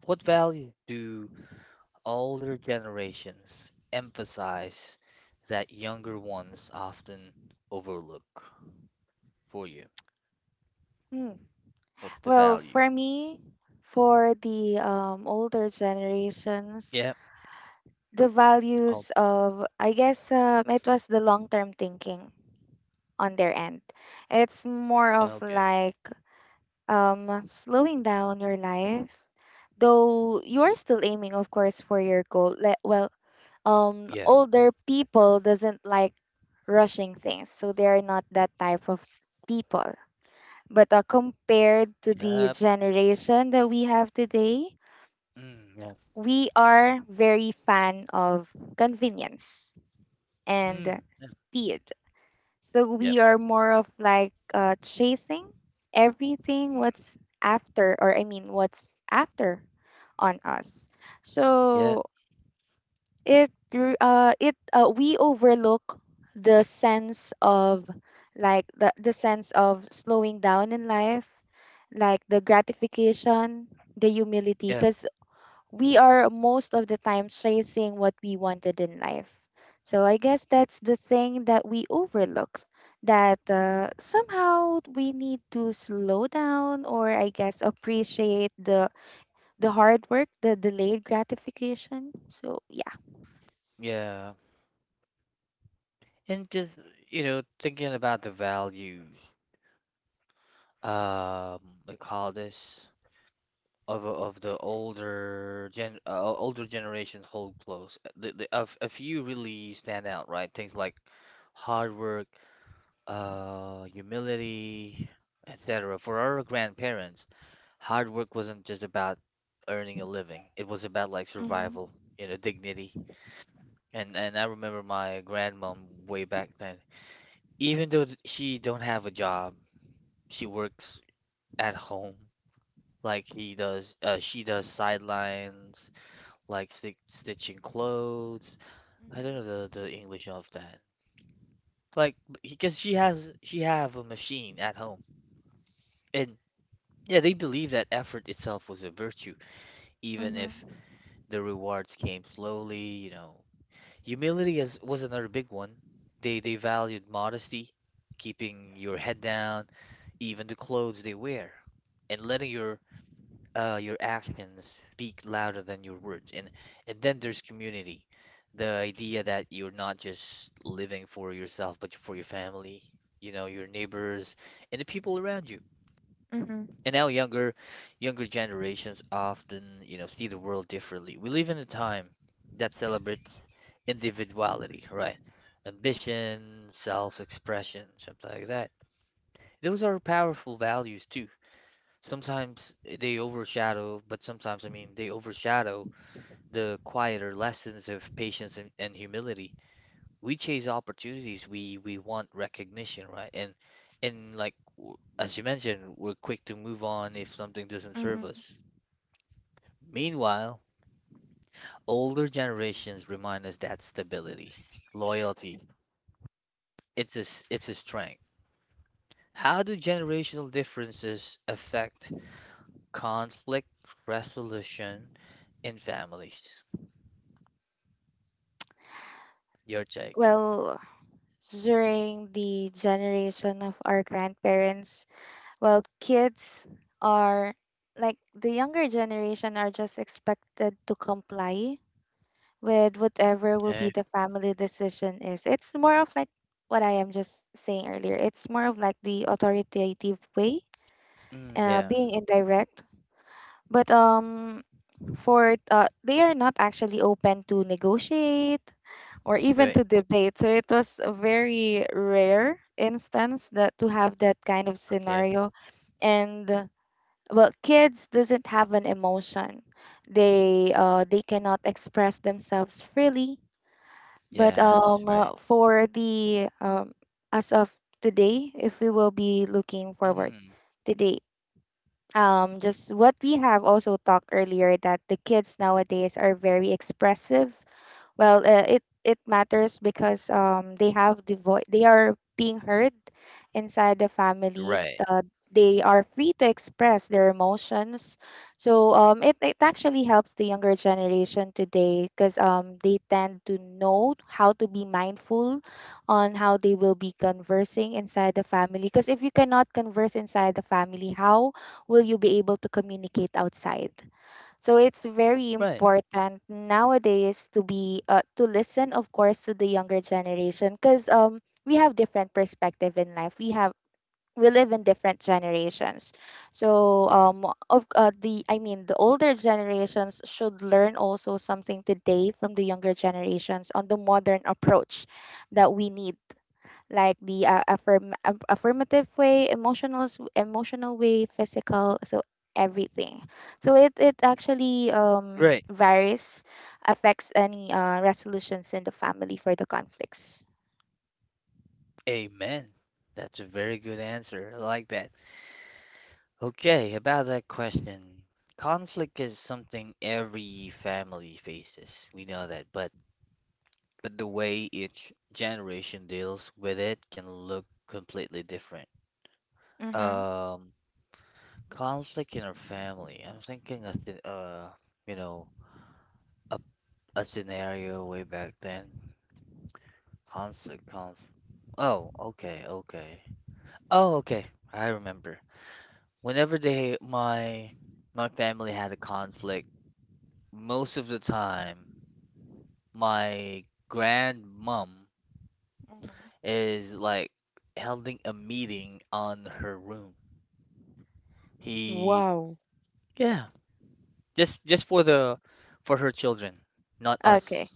Speaker 1: what value do older generations emphasize that younger ones often overlook for you?
Speaker 2: Hmm.
Speaker 1: What's the
Speaker 2: Well,
Speaker 1: value?
Speaker 2: for me, for the older generations,
Speaker 1: Yeah.
Speaker 2: the
Speaker 1: Oh,
Speaker 2: values of, I guess it was the long-term thinking on their end. It's more of
Speaker 1: okay.
Speaker 2: like slowing down your life, though you are still aiming, of course, for your goal. Le- Well,
Speaker 1: Yeah.
Speaker 2: older people doesn't like rushing things, so they are not that type of people. But compared to the
Speaker 1: Yep.
Speaker 2: generation that we have today,
Speaker 1: Mm, yeah.
Speaker 2: we are very fan of convenience and
Speaker 1: Mm, yeah.
Speaker 2: speed. So
Speaker 1: Yep.
Speaker 2: we are more of like chasing everything
Speaker 1: Mm,
Speaker 2: what's after, or I mean, what's after on us.
Speaker 1: yeah.
Speaker 2: So it r- it we overlook the sense of like the sense of slowing down in life, like the gratification, the humility,
Speaker 1: Yeah.
Speaker 2: because we are most of the time chasing what we wanted in life. So I guess that's the thing that we overlook, that somehow we need to slow down, or I guess appreciate the hard work, the delayed gratification. So yeah.
Speaker 1: Yeah. And just, you know, thinking about the value, um, they call this of the older generation hold close. A few really stand out, right? Things like hard work, humility, etc. For our grandparents, hard work wasn't just about earning a living. It was about like
Speaker 2: Mhm.
Speaker 1: survival, you know, dignity. And I remember my grandmom way back then. Even though she don't have a job, she works at home like he does. She does sidelines like stitching clothes. I don't know the English of that. Like because she have a machine at home. And yeah, they believe that effort itself was a virtue, even
Speaker 2: Mhm.
Speaker 1: if
Speaker 2: Mhm.
Speaker 1: the rewards came slowly, you know. Humility is, was another big one. They valued modesty, keeping your head down, even the clothes they wear, and letting your actions speak louder than your words. And then there's community, the idea that you're not just living for yourself, but for your family, you know, your neighbors and the people around you.
Speaker 2: Mhm.
Speaker 1: And now younger generations often, you know, see the world differently. We live in a time that celebrates individuality, right? Ambition, self-expression, something like that. Those are powerful values too. Sometimes they overshadow, but sometimes, I mean, they overshadow the quieter lessons of patience and humility. We chase opportunities, we want recognition, right? And as you mentioned, we're quick to move on if something doesn't serve
Speaker 2: Mhm.
Speaker 1: us. Meanwhile, older generations remind us that stability, loyalty, it's a strength. How do generational differences affect conflict resolution in families? Your check.
Speaker 2: Well, during the generation of our grandparents, well kids are like the younger generation are just expected to comply with whatever will be
Speaker 1: Okay.
Speaker 2: the family decision is. It's more of like what I am just saying earlier, it's more of like the authoritative way,
Speaker 1: Mm, yeah.
Speaker 2: being indirect. But for they are not actually open to negotiate or even
Speaker 1: Great.
Speaker 2: to debate, so it was a very rare instance that to have that kind of
Speaker 1: Okay.
Speaker 2: scenario. And well, kids doesn't have an emotion. They they cannot express themselves freely. But
Speaker 1: Yes. Right.
Speaker 2: for the as of today, if we will be looking forward
Speaker 1: Mm,
Speaker 2: today, just what we have also talked earlier, that the kids nowadays are very expressive. Well, it it matters because they have the voice, they are being heard inside the family.
Speaker 1: right.
Speaker 2: uh, they are free to express their emotions. So it actually helps the younger generation today, because they tend to know how to be mindful on how they will be conversing inside the family, because if you cannot converse inside the family, how will you be able to communicate outside? So it's very
Speaker 1: Right.
Speaker 2: important nowadays to be to listen, of course, to the younger generation, because we have different perspective in life. We have, we live in different generations. So of the I mean the older generations should learn also something today from the younger generations on the modern approach that we need, like the affirmative way, emotional way, physical, so everything. So it actually
Speaker 1: Right.
Speaker 2: varies, affects any resolutions in the family for the conflicts.
Speaker 1: Amen. That's a very good answer. I like that. Okay. About that question. Conflict is something every family faces. We know that, but the way each generation deals with it can look completely different.
Speaker 2: Mm-hmm.
Speaker 1: Um, conflict in our family. I'm thinking of the, you know, a, a scenario way back then. Conflict, conflict. Oh, okay, okay. Oh, okay. I remember. Whenever they my family had a conflict, most of the time my grandmom
Speaker 2: Mm-hmm.
Speaker 1: is like holding a meeting on her room. He
Speaker 2: Wow.
Speaker 1: yeah, just for the for her children, not
Speaker 2: Okay.
Speaker 1: us.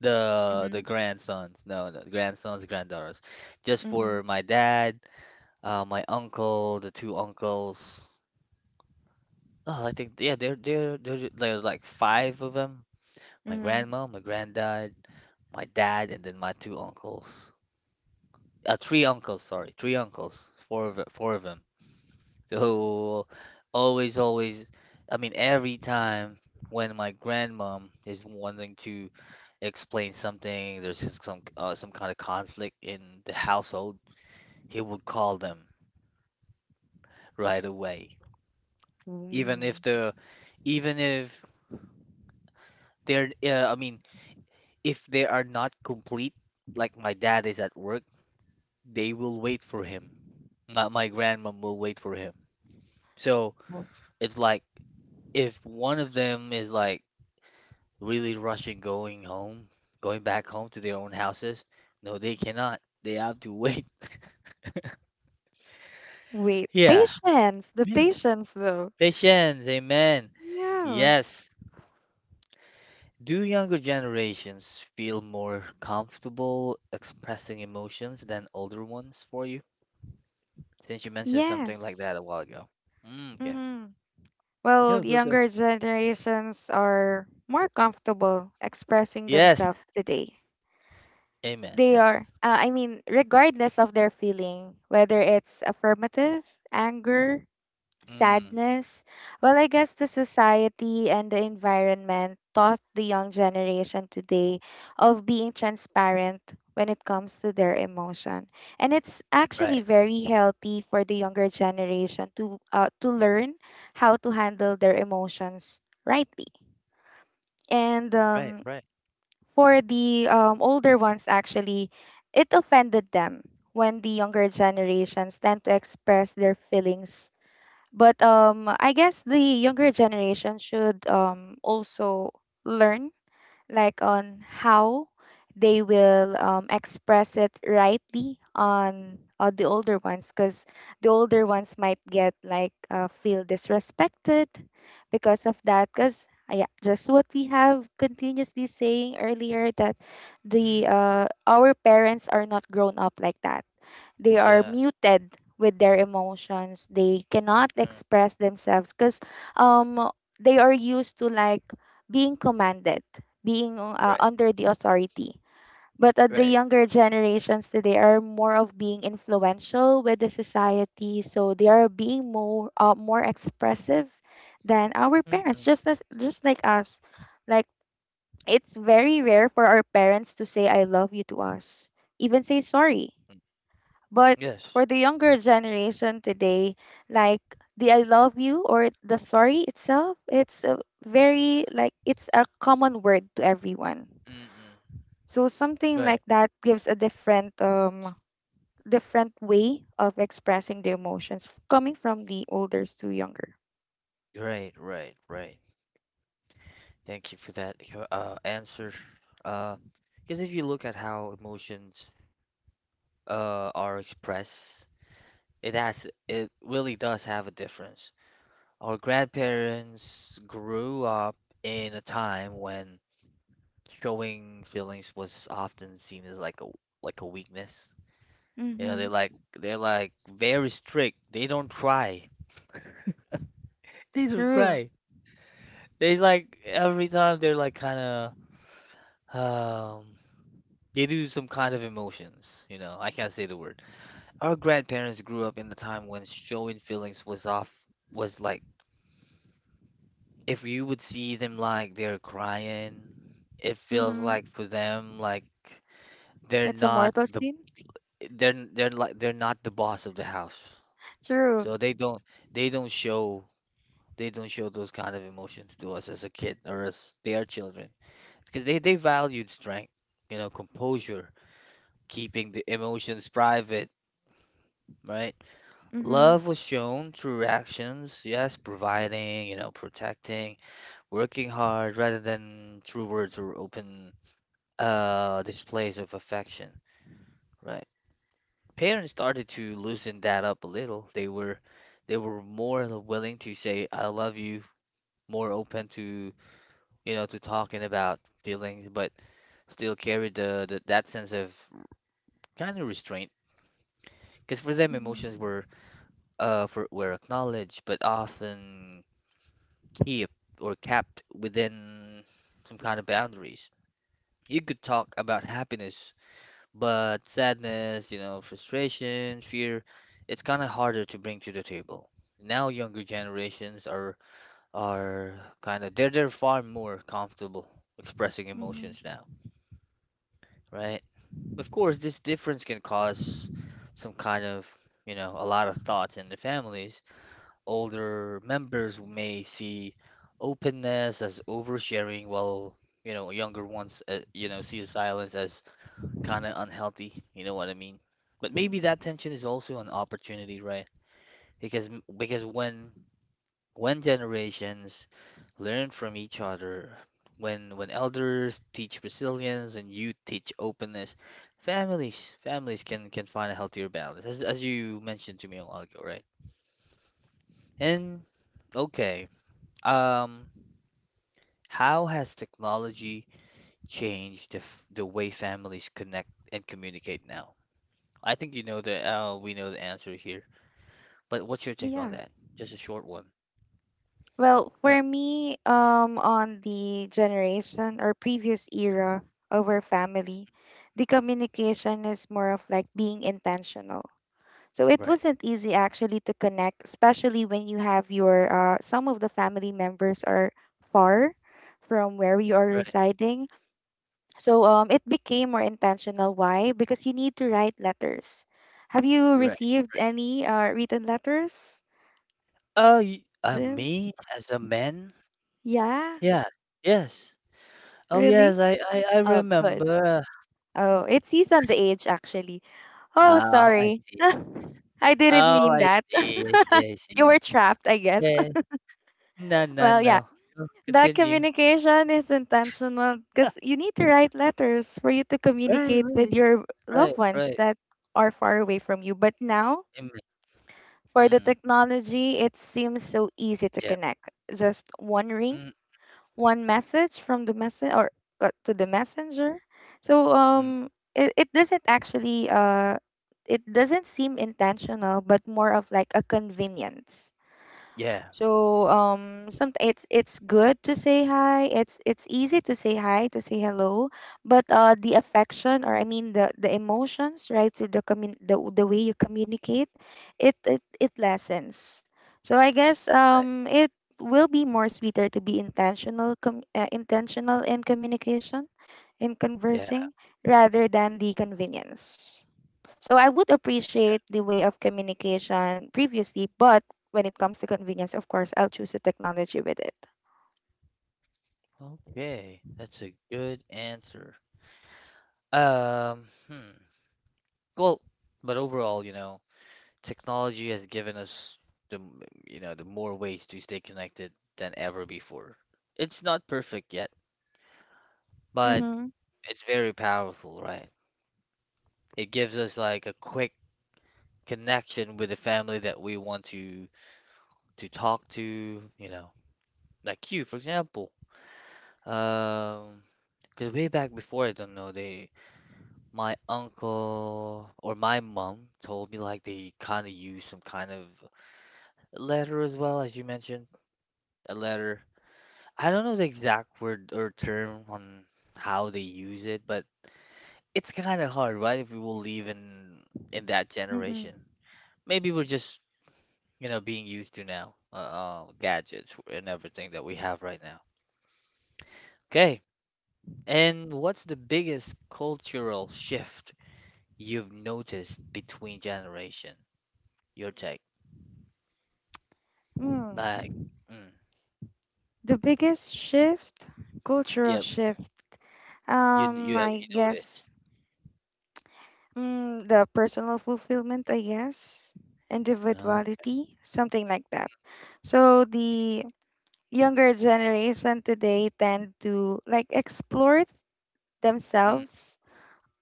Speaker 2: Mm-hmm.
Speaker 1: The grandsons, no, no, grandsons, granddaughters. Just
Speaker 2: Mm-hmm.
Speaker 1: for my dad, my uncle, the two uncles. Oh, I think yeah, there's like five of them. My
Speaker 2: Mm-hmm.
Speaker 1: grandma, my granddad, my dad, and then my two uncles. Three uncles, sorry, three uncles. Four of them. So always, always. I mean, every time when my grandmom is wanting to explain something, there's just some kind of conflict in the household. He would call them right away, even
Speaker 2: Mm.
Speaker 1: if the even if they're I mean if they are not complete, like my dad is at work, they will wait for him. My grandmom will wait for him. So
Speaker 2: Oh.
Speaker 1: it's like if one of them is like really rushing going home, going back home to their own houses, no, they cannot. They have to wait.
Speaker 2: Wait,
Speaker 1: Yeah,
Speaker 2: patience. The
Speaker 1: yeah.
Speaker 2: patience, though.
Speaker 1: Patience, amen.
Speaker 2: Yeah.
Speaker 1: Yes. Do younger generations feel more comfortable expressing emotions than older ones for you? Didn't you mention something like that a
Speaker 2: Yes.
Speaker 1: while ago? Mm, yeah.
Speaker 2: Mm-hmm. Well,
Speaker 1: Go, go, go.
Speaker 2: younger generations are more comfortable expressing
Speaker 1: Yes.
Speaker 2: themselves today.
Speaker 1: Amen.
Speaker 2: They are,
Speaker 1: Yes.
Speaker 2: I mean, regardless of their feeling, whether it's affirmative, anger,
Speaker 1: Mm,
Speaker 2: sadness. Well, I guess the society and the environment taught the young generation today of being transparent when it comes to their emotion. And it's actually
Speaker 1: right.
Speaker 2: very healthy for the younger generation to learn how to handle their emotions rightly. And
Speaker 1: Right. Right.
Speaker 2: for the older ones, actually, it offended them when the younger generations tend to express their feelings. But I guess the younger generation should also learn like on how they will express it rightly on the older ones, because the older ones might get like feel disrespected because of that, because yeah, just what we have continuously saying earlier, that the
Speaker 1: Mm,
Speaker 2: our parents are not grown up like that. They are
Speaker 1: yes.
Speaker 2: muted with their emotions. They cannot
Speaker 1: Mm-mm.
Speaker 2: express themselves because um they are used to like being commanded, being
Speaker 1: Right.
Speaker 2: under the authority. But the
Speaker 1: Right.
Speaker 2: younger generations today are more of being influential with the society, so they are being more more expressive than our parents,
Speaker 1: Mm-mm.
Speaker 2: just as just like us. Like, it's very rare for our parents to say I love you to us, even say sorry.
Speaker 1: mm,
Speaker 2: But
Speaker 1: Yes.
Speaker 2: for the younger generation today, like the I love you or the sorry itself, it's a very like it's a common word to everyone.
Speaker 1: Mm-mm.
Speaker 2: So something
Speaker 1: Right.
Speaker 2: like that gives a different different way of expressing the emotions coming from the olders to younger.
Speaker 1: Right. Right. Right. Thank you for that answer. Uh, because if you look at how emotions are expressed, it really does have a difference. Our grandparents grew up in a time when showing feelings was often seen as like a weakness. You know,
Speaker 2: Mm-hmm.
Speaker 1: they're like very strict. They don't cry. They don't
Speaker 2: True.
Speaker 1: cry. They like every time they're like kind of um they do some kind of emotions, you know. I can't say the word. Our grandparents grew up in the time when showing feelings was like if you would see them like they're crying, it feels
Speaker 2: Mm-hmm.
Speaker 1: like for them like they're
Speaker 2: It's a
Speaker 1: not
Speaker 2: mortal
Speaker 1: the
Speaker 2: sin.
Speaker 1: they're not the boss of the house.
Speaker 2: True.
Speaker 1: So they don't show they don't show those kind of emotions to us as a kid or as their children because they valued strength, you know, composure, keeping the emotions private, right?
Speaker 2: Mm-hmm.
Speaker 1: Love was shown through actions, yes, providing, you know, protecting, working hard rather than through words or open displays of affection, right? Parents started to loosen that up a little. They were more willing to say I love you, more open to you know, to talking about feelings, but still carry the that sense of kind of restraint. Because for them, emotions
Speaker 2: Mm-hmm.
Speaker 1: were were acknowledged, but often kept or kept within some kind of boundaries. You could talk about happiness, but sadness, you know, frustration, fear, it's kind of harder to bring to the table. Now younger generations are are they're far more comfortable expressing emotions
Speaker 2: Mm-hmm.
Speaker 1: now, right? Of course, this difference can cause some kind of, you know, a lot of thoughts in the families. Older members may see openness as oversharing, while, you know, younger ones, you know, see silence as kind of unhealthy. You know what I mean? But maybe
Speaker 2: Mm-hmm.
Speaker 1: that tension is also an opportunity, right? Because because when generations learn from each other, when elders teach resilience and youth teach openness, families can find a healthier balance, as you mentioned to me a while ago, right? And okay, um, how has technology changed the way families connect and communicate now? I think you know the we know the answer here, but what's your take on
Speaker 2: Yeah.
Speaker 1: that? Just a short one.
Speaker 2: Well,
Speaker 1: Yeah.
Speaker 2: for me, on the generation or previous era of our family, the communication is more of like being intentional. So it
Speaker 1: Right,
Speaker 2: wasn't easy actually to connect, especially when you have your some of the family members are far from where you are
Speaker 1: right,
Speaker 2: residing. So it became more intentional. Why? Because you need to write letters. Have you
Speaker 1: right.
Speaker 2: received any written letters, Jim?
Speaker 1: Me as a man.
Speaker 2: Yeah,
Speaker 1: Yeah. Yes. Oh, yes,
Speaker 2: really?
Speaker 1: I
Speaker 2: Oh, good.
Speaker 1: remember.
Speaker 2: Oh, it sees on the age actually. Oh,
Speaker 1: Oh, I
Speaker 2: sorry.
Speaker 1: see.
Speaker 2: I didn't
Speaker 1: Oh,
Speaker 2: mean that.
Speaker 1: I
Speaker 2: You
Speaker 1: see.
Speaker 2: were trapped, I guess.
Speaker 1: Yeah.
Speaker 2: Well, yeah.
Speaker 1: No. No,
Speaker 2: That
Speaker 1: continue.
Speaker 2: communication is intentional because you need to write letters for you to
Speaker 1: Right,
Speaker 2: communicate with
Speaker 1: right.
Speaker 2: your
Speaker 1: Right,
Speaker 2: loved ones
Speaker 1: right.
Speaker 2: that are far away from you. But now,
Speaker 1: Mm,
Speaker 2: for the
Speaker 1: mm,
Speaker 2: technology, it seems so easy to
Speaker 1: yeah.
Speaker 2: connect. Just one ring,
Speaker 1: Mm,
Speaker 2: one message from the message or to the messenger. So
Speaker 1: mm,
Speaker 2: it, it doesn't actually it doesn't seem intentional, but more of like a convenience.
Speaker 1: yeah.
Speaker 2: So some, it's good to say hi. It's easy to say hi, to say hello, but the affection, or I mean the emotions right through the way you communicate, it lessens. So I guess
Speaker 1: Right.
Speaker 2: it will be more sweeter to be intentional, intentional in communication, in
Speaker 1: Yeah.
Speaker 2: conversing rather than the convenience. So I would appreciate the way of communication previously, but when it comes to convenience, of course, I'll choose the technology with it.
Speaker 1: Okay. That's a good answer. Hmm. Well, but overall, you know, technology has given us the, m- you know, the more ways to stay connected than ever before. It's not perfect yet, but
Speaker 2: Mm-hmm.
Speaker 1: it's very powerful, right? It gives us like a quick connection with the family that we want to talk to, you know. Like you, for example. Um, because way back before, I don't know, they my uncle or my mom told me like they kind of use some kind of letter as well, as you mentioned, a letter. I don't know the exact word or term on how they use it, but it's kind of hard, right? If we will live in that generation.
Speaker 2: Mm-hmm.
Speaker 1: Maybe we're just, you know, being used to now, gadgets and everything that we have right now. Okay. And what's the biggest cultural shift you've noticed between generation? Your take.
Speaker 2: Mm.
Speaker 1: Like, mm,
Speaker 2: The biggest shift, cultural
Speaker 1: yeah,
Speaker 2: shift.
Speaker 1: you
Speaker 2: I
Speaker 1: noticed.
Speaker 2: guess, the personal fulfillment, I guess,
Speaker 1: No.
Speaker 2: individuality, something like that. So the younger generation today tend to like explore
Speaker 1: Mm,
Speaker 2: themselves,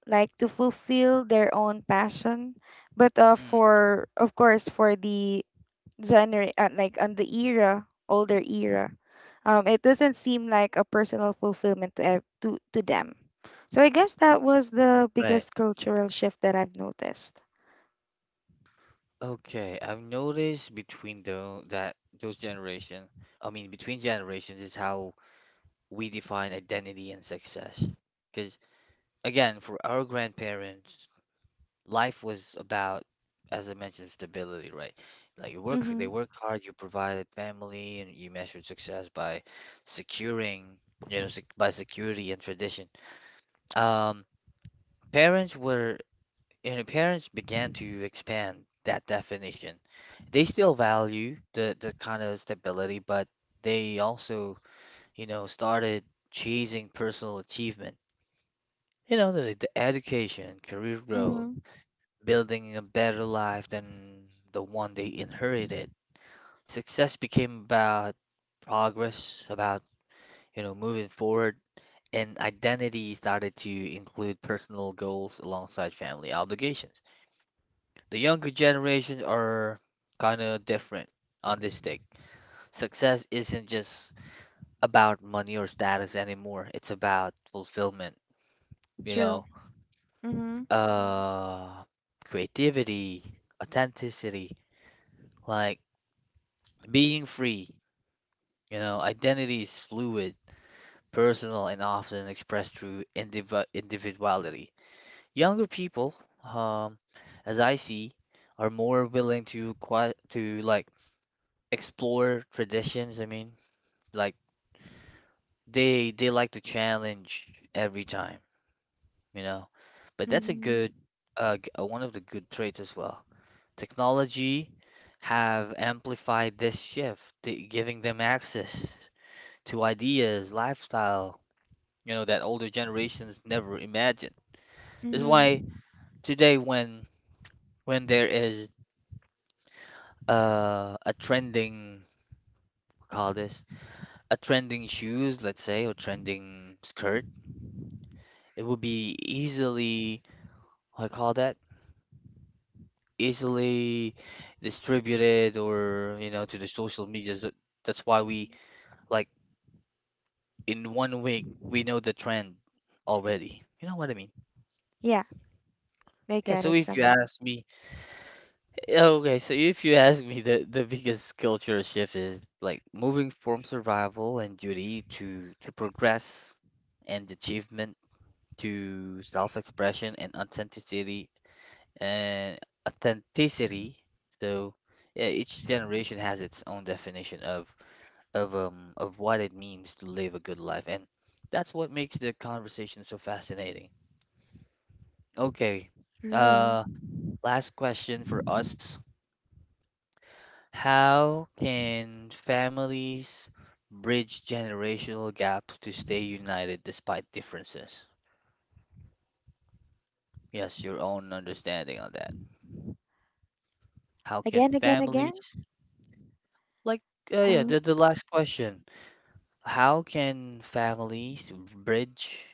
Speaker 2: like to fulfill their own passion. But
Speaker 1: mm,
Speaker 2: for of course for the gener like on the era, older era, it doesn't seem like a personal fulfillment to, to them. So I guess that was the
Speaker 1: right.
Speaker 2: biggest cultural shift that I've noticed.
Speaker 1: Okay. I've noticed between the that those generation. I mean, between generations is how we define identity and success. Because again, for our grandparents, life was about, as I mentioned, stability, right? Like they
Speaker 2: Mhm.
Speaker 1: work hard, you provided family, and you measured success by securing, you know, sec by security and tradition. Um, parents were, you know, parents began to expand that definition. They still value the kind of stability, but they also, you know, started chasing personal achievement. You know, the education, career growth
Speaker 2: Mhm.
Speaker 1: building a better life than the one they inherited. Success became about progress, about, you know, moving forward, and identity started to include personal goals alongside family obligations. The younger generations are kind of different on this take. Success isn't just about money or status anymore. It's about fulfillment, you
Speaker 2: True.
Speaker 1: know,
Speaker 2: Mhm.
Speaker 1: uh, creativity, authenticity, like being free. You know, identity is fluid, personal, and often expressed through individuality. Younger people, um, as I see, are more willing to like explore traditions. I mean, like they like to challenge every time, you know. But that's a good
Speaker 2: Mhm.
Speaker 1: one of the good traits as well. Technology have amplified this shift, giving them access to ideas, lifestyle, you know, that older generations never imagined. That's why
Speaker 2: Mhm.
Speaker 1: today when there is a trending, call this, a trending shoes, let's say, or trending skirt, it would be easily, I call that, easily distributed or, you know, to the social medias. That's why
Speaker 2: Mhm.
Speaker 1: we like in 1 week we know the trend already. You know what I mean?
Speaker 2: Yeah, I
Speaker 1: Yeah,
Speaker 2: get
Speaker 1: so
Speaker 2: it
Speaker 1: if you
Speaker 2: somehow.
Speaker 1: ask me, Okay, so if you ask me, the biggest culture shift is like moving from survival and duty to progress and achievement to self-expression and and authenticity. So yeah, each generation has its own definition of what it means to live a good life, and that's what makes the conversation so fascinating. Okay,
Speaker 2: True.
Speaker 1: uh, last question for us. How can families bridge generational gaps to stay united despite differences? Yes, your own understanding on that. How can
Speaker 2: Again, again, again.
Speaker 1: families, like, yeah,
Speaker 2: Oh.
Speaker 1: the last question. How can families bridge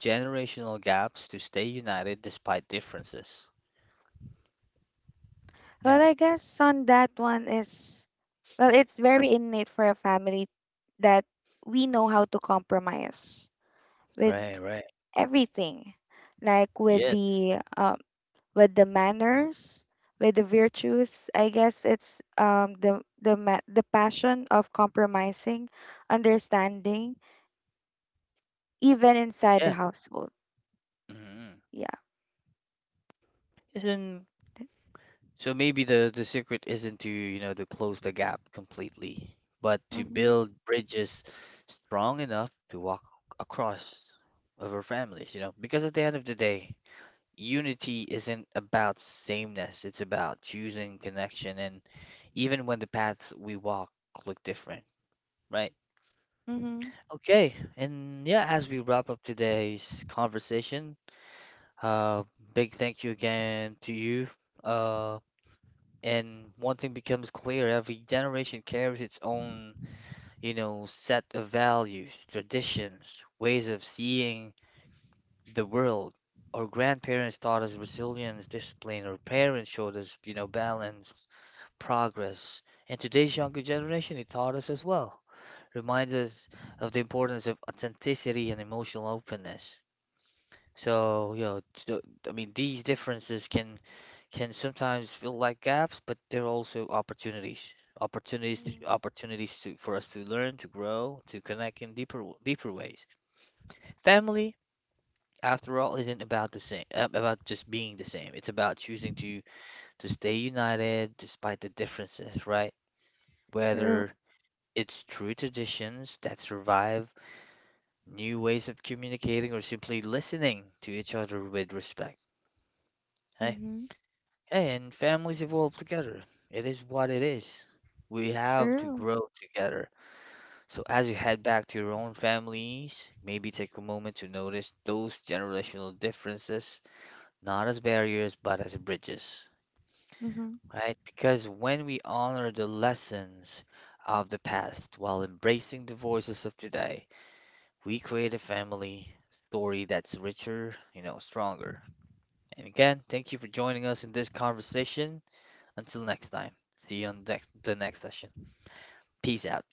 Speaker 1: generational gaps to stay united despite differences? Yeah,
Speaker 2: Well, I guess on that one is, well, it's very innate for a family that we know how to compromise with
Speaker 1: right, right.
Speaker 2: everything, like
Speaker 1: Yes,
Speaker 2: with the manners, with the virtues. I guess it's the passion of compromising, understanding even inside the
Speaker 1: yeah.
Speaker 2: household. Yeah.
Speaker 1: Mm-hmm. So maybe the secret isn't to, you know, to close the gap completely, but to
Speaker 2: Mm-hmm.
Speaker 1: build bridges strong enough to walk across over families, you know, because at the end of the day, unity isn't about sameness, it's about choosing connection and even when the paths we walk look different, right?
Speaker 2: Mm-hmm.
Speaker 1: Okay, and yeah, as we wrap up today's conversation, uh big thank you again to you. Uh And one thing becomes clear, every generation carries its own, you know, set of values, traditions, ways of seeing the world. Our grandparents taught us resilience, discipline. Our parents showed us, you know, balance, progress. And today's younger generation, it taught us as well. Remind us of the importance of authenticity and emotional openness. So, you know, I mean, these differences can sometimes feel like gaps, but they're also opportunities.
Speaker 2: Mm-hmm.
Speaker 1: Opportunities to, for us to learn, to grow, to connect in deeper, deeper ways. Family, after all, isn't about the same, about just being the same. It's about choosing to stay united despite the differences, right?
Speaker 2: True.
Speaker 1: Whether it's true traditions that survive, new ways of communicating, or simply listening to each other with respect. Hey.
Speaker 2: Mm-hmm.
Speaker 1: Hey, and families evolve together. It is what it is. We have to
Speaker 2: True.
Speaker 1: grow together. So as you head back to your own families, maybe take a moment to notice those generational differences, not as barriers, but as bridges,
Speaker 2: Mm-hmm.
Speaker 1: right? Because when we honor the lessons of the past while embracing the voices of today, we create a family story that's richer, you know, stronger. And again, thank you for joining us in this conversation. Until next time, see you on the next session. Peace out.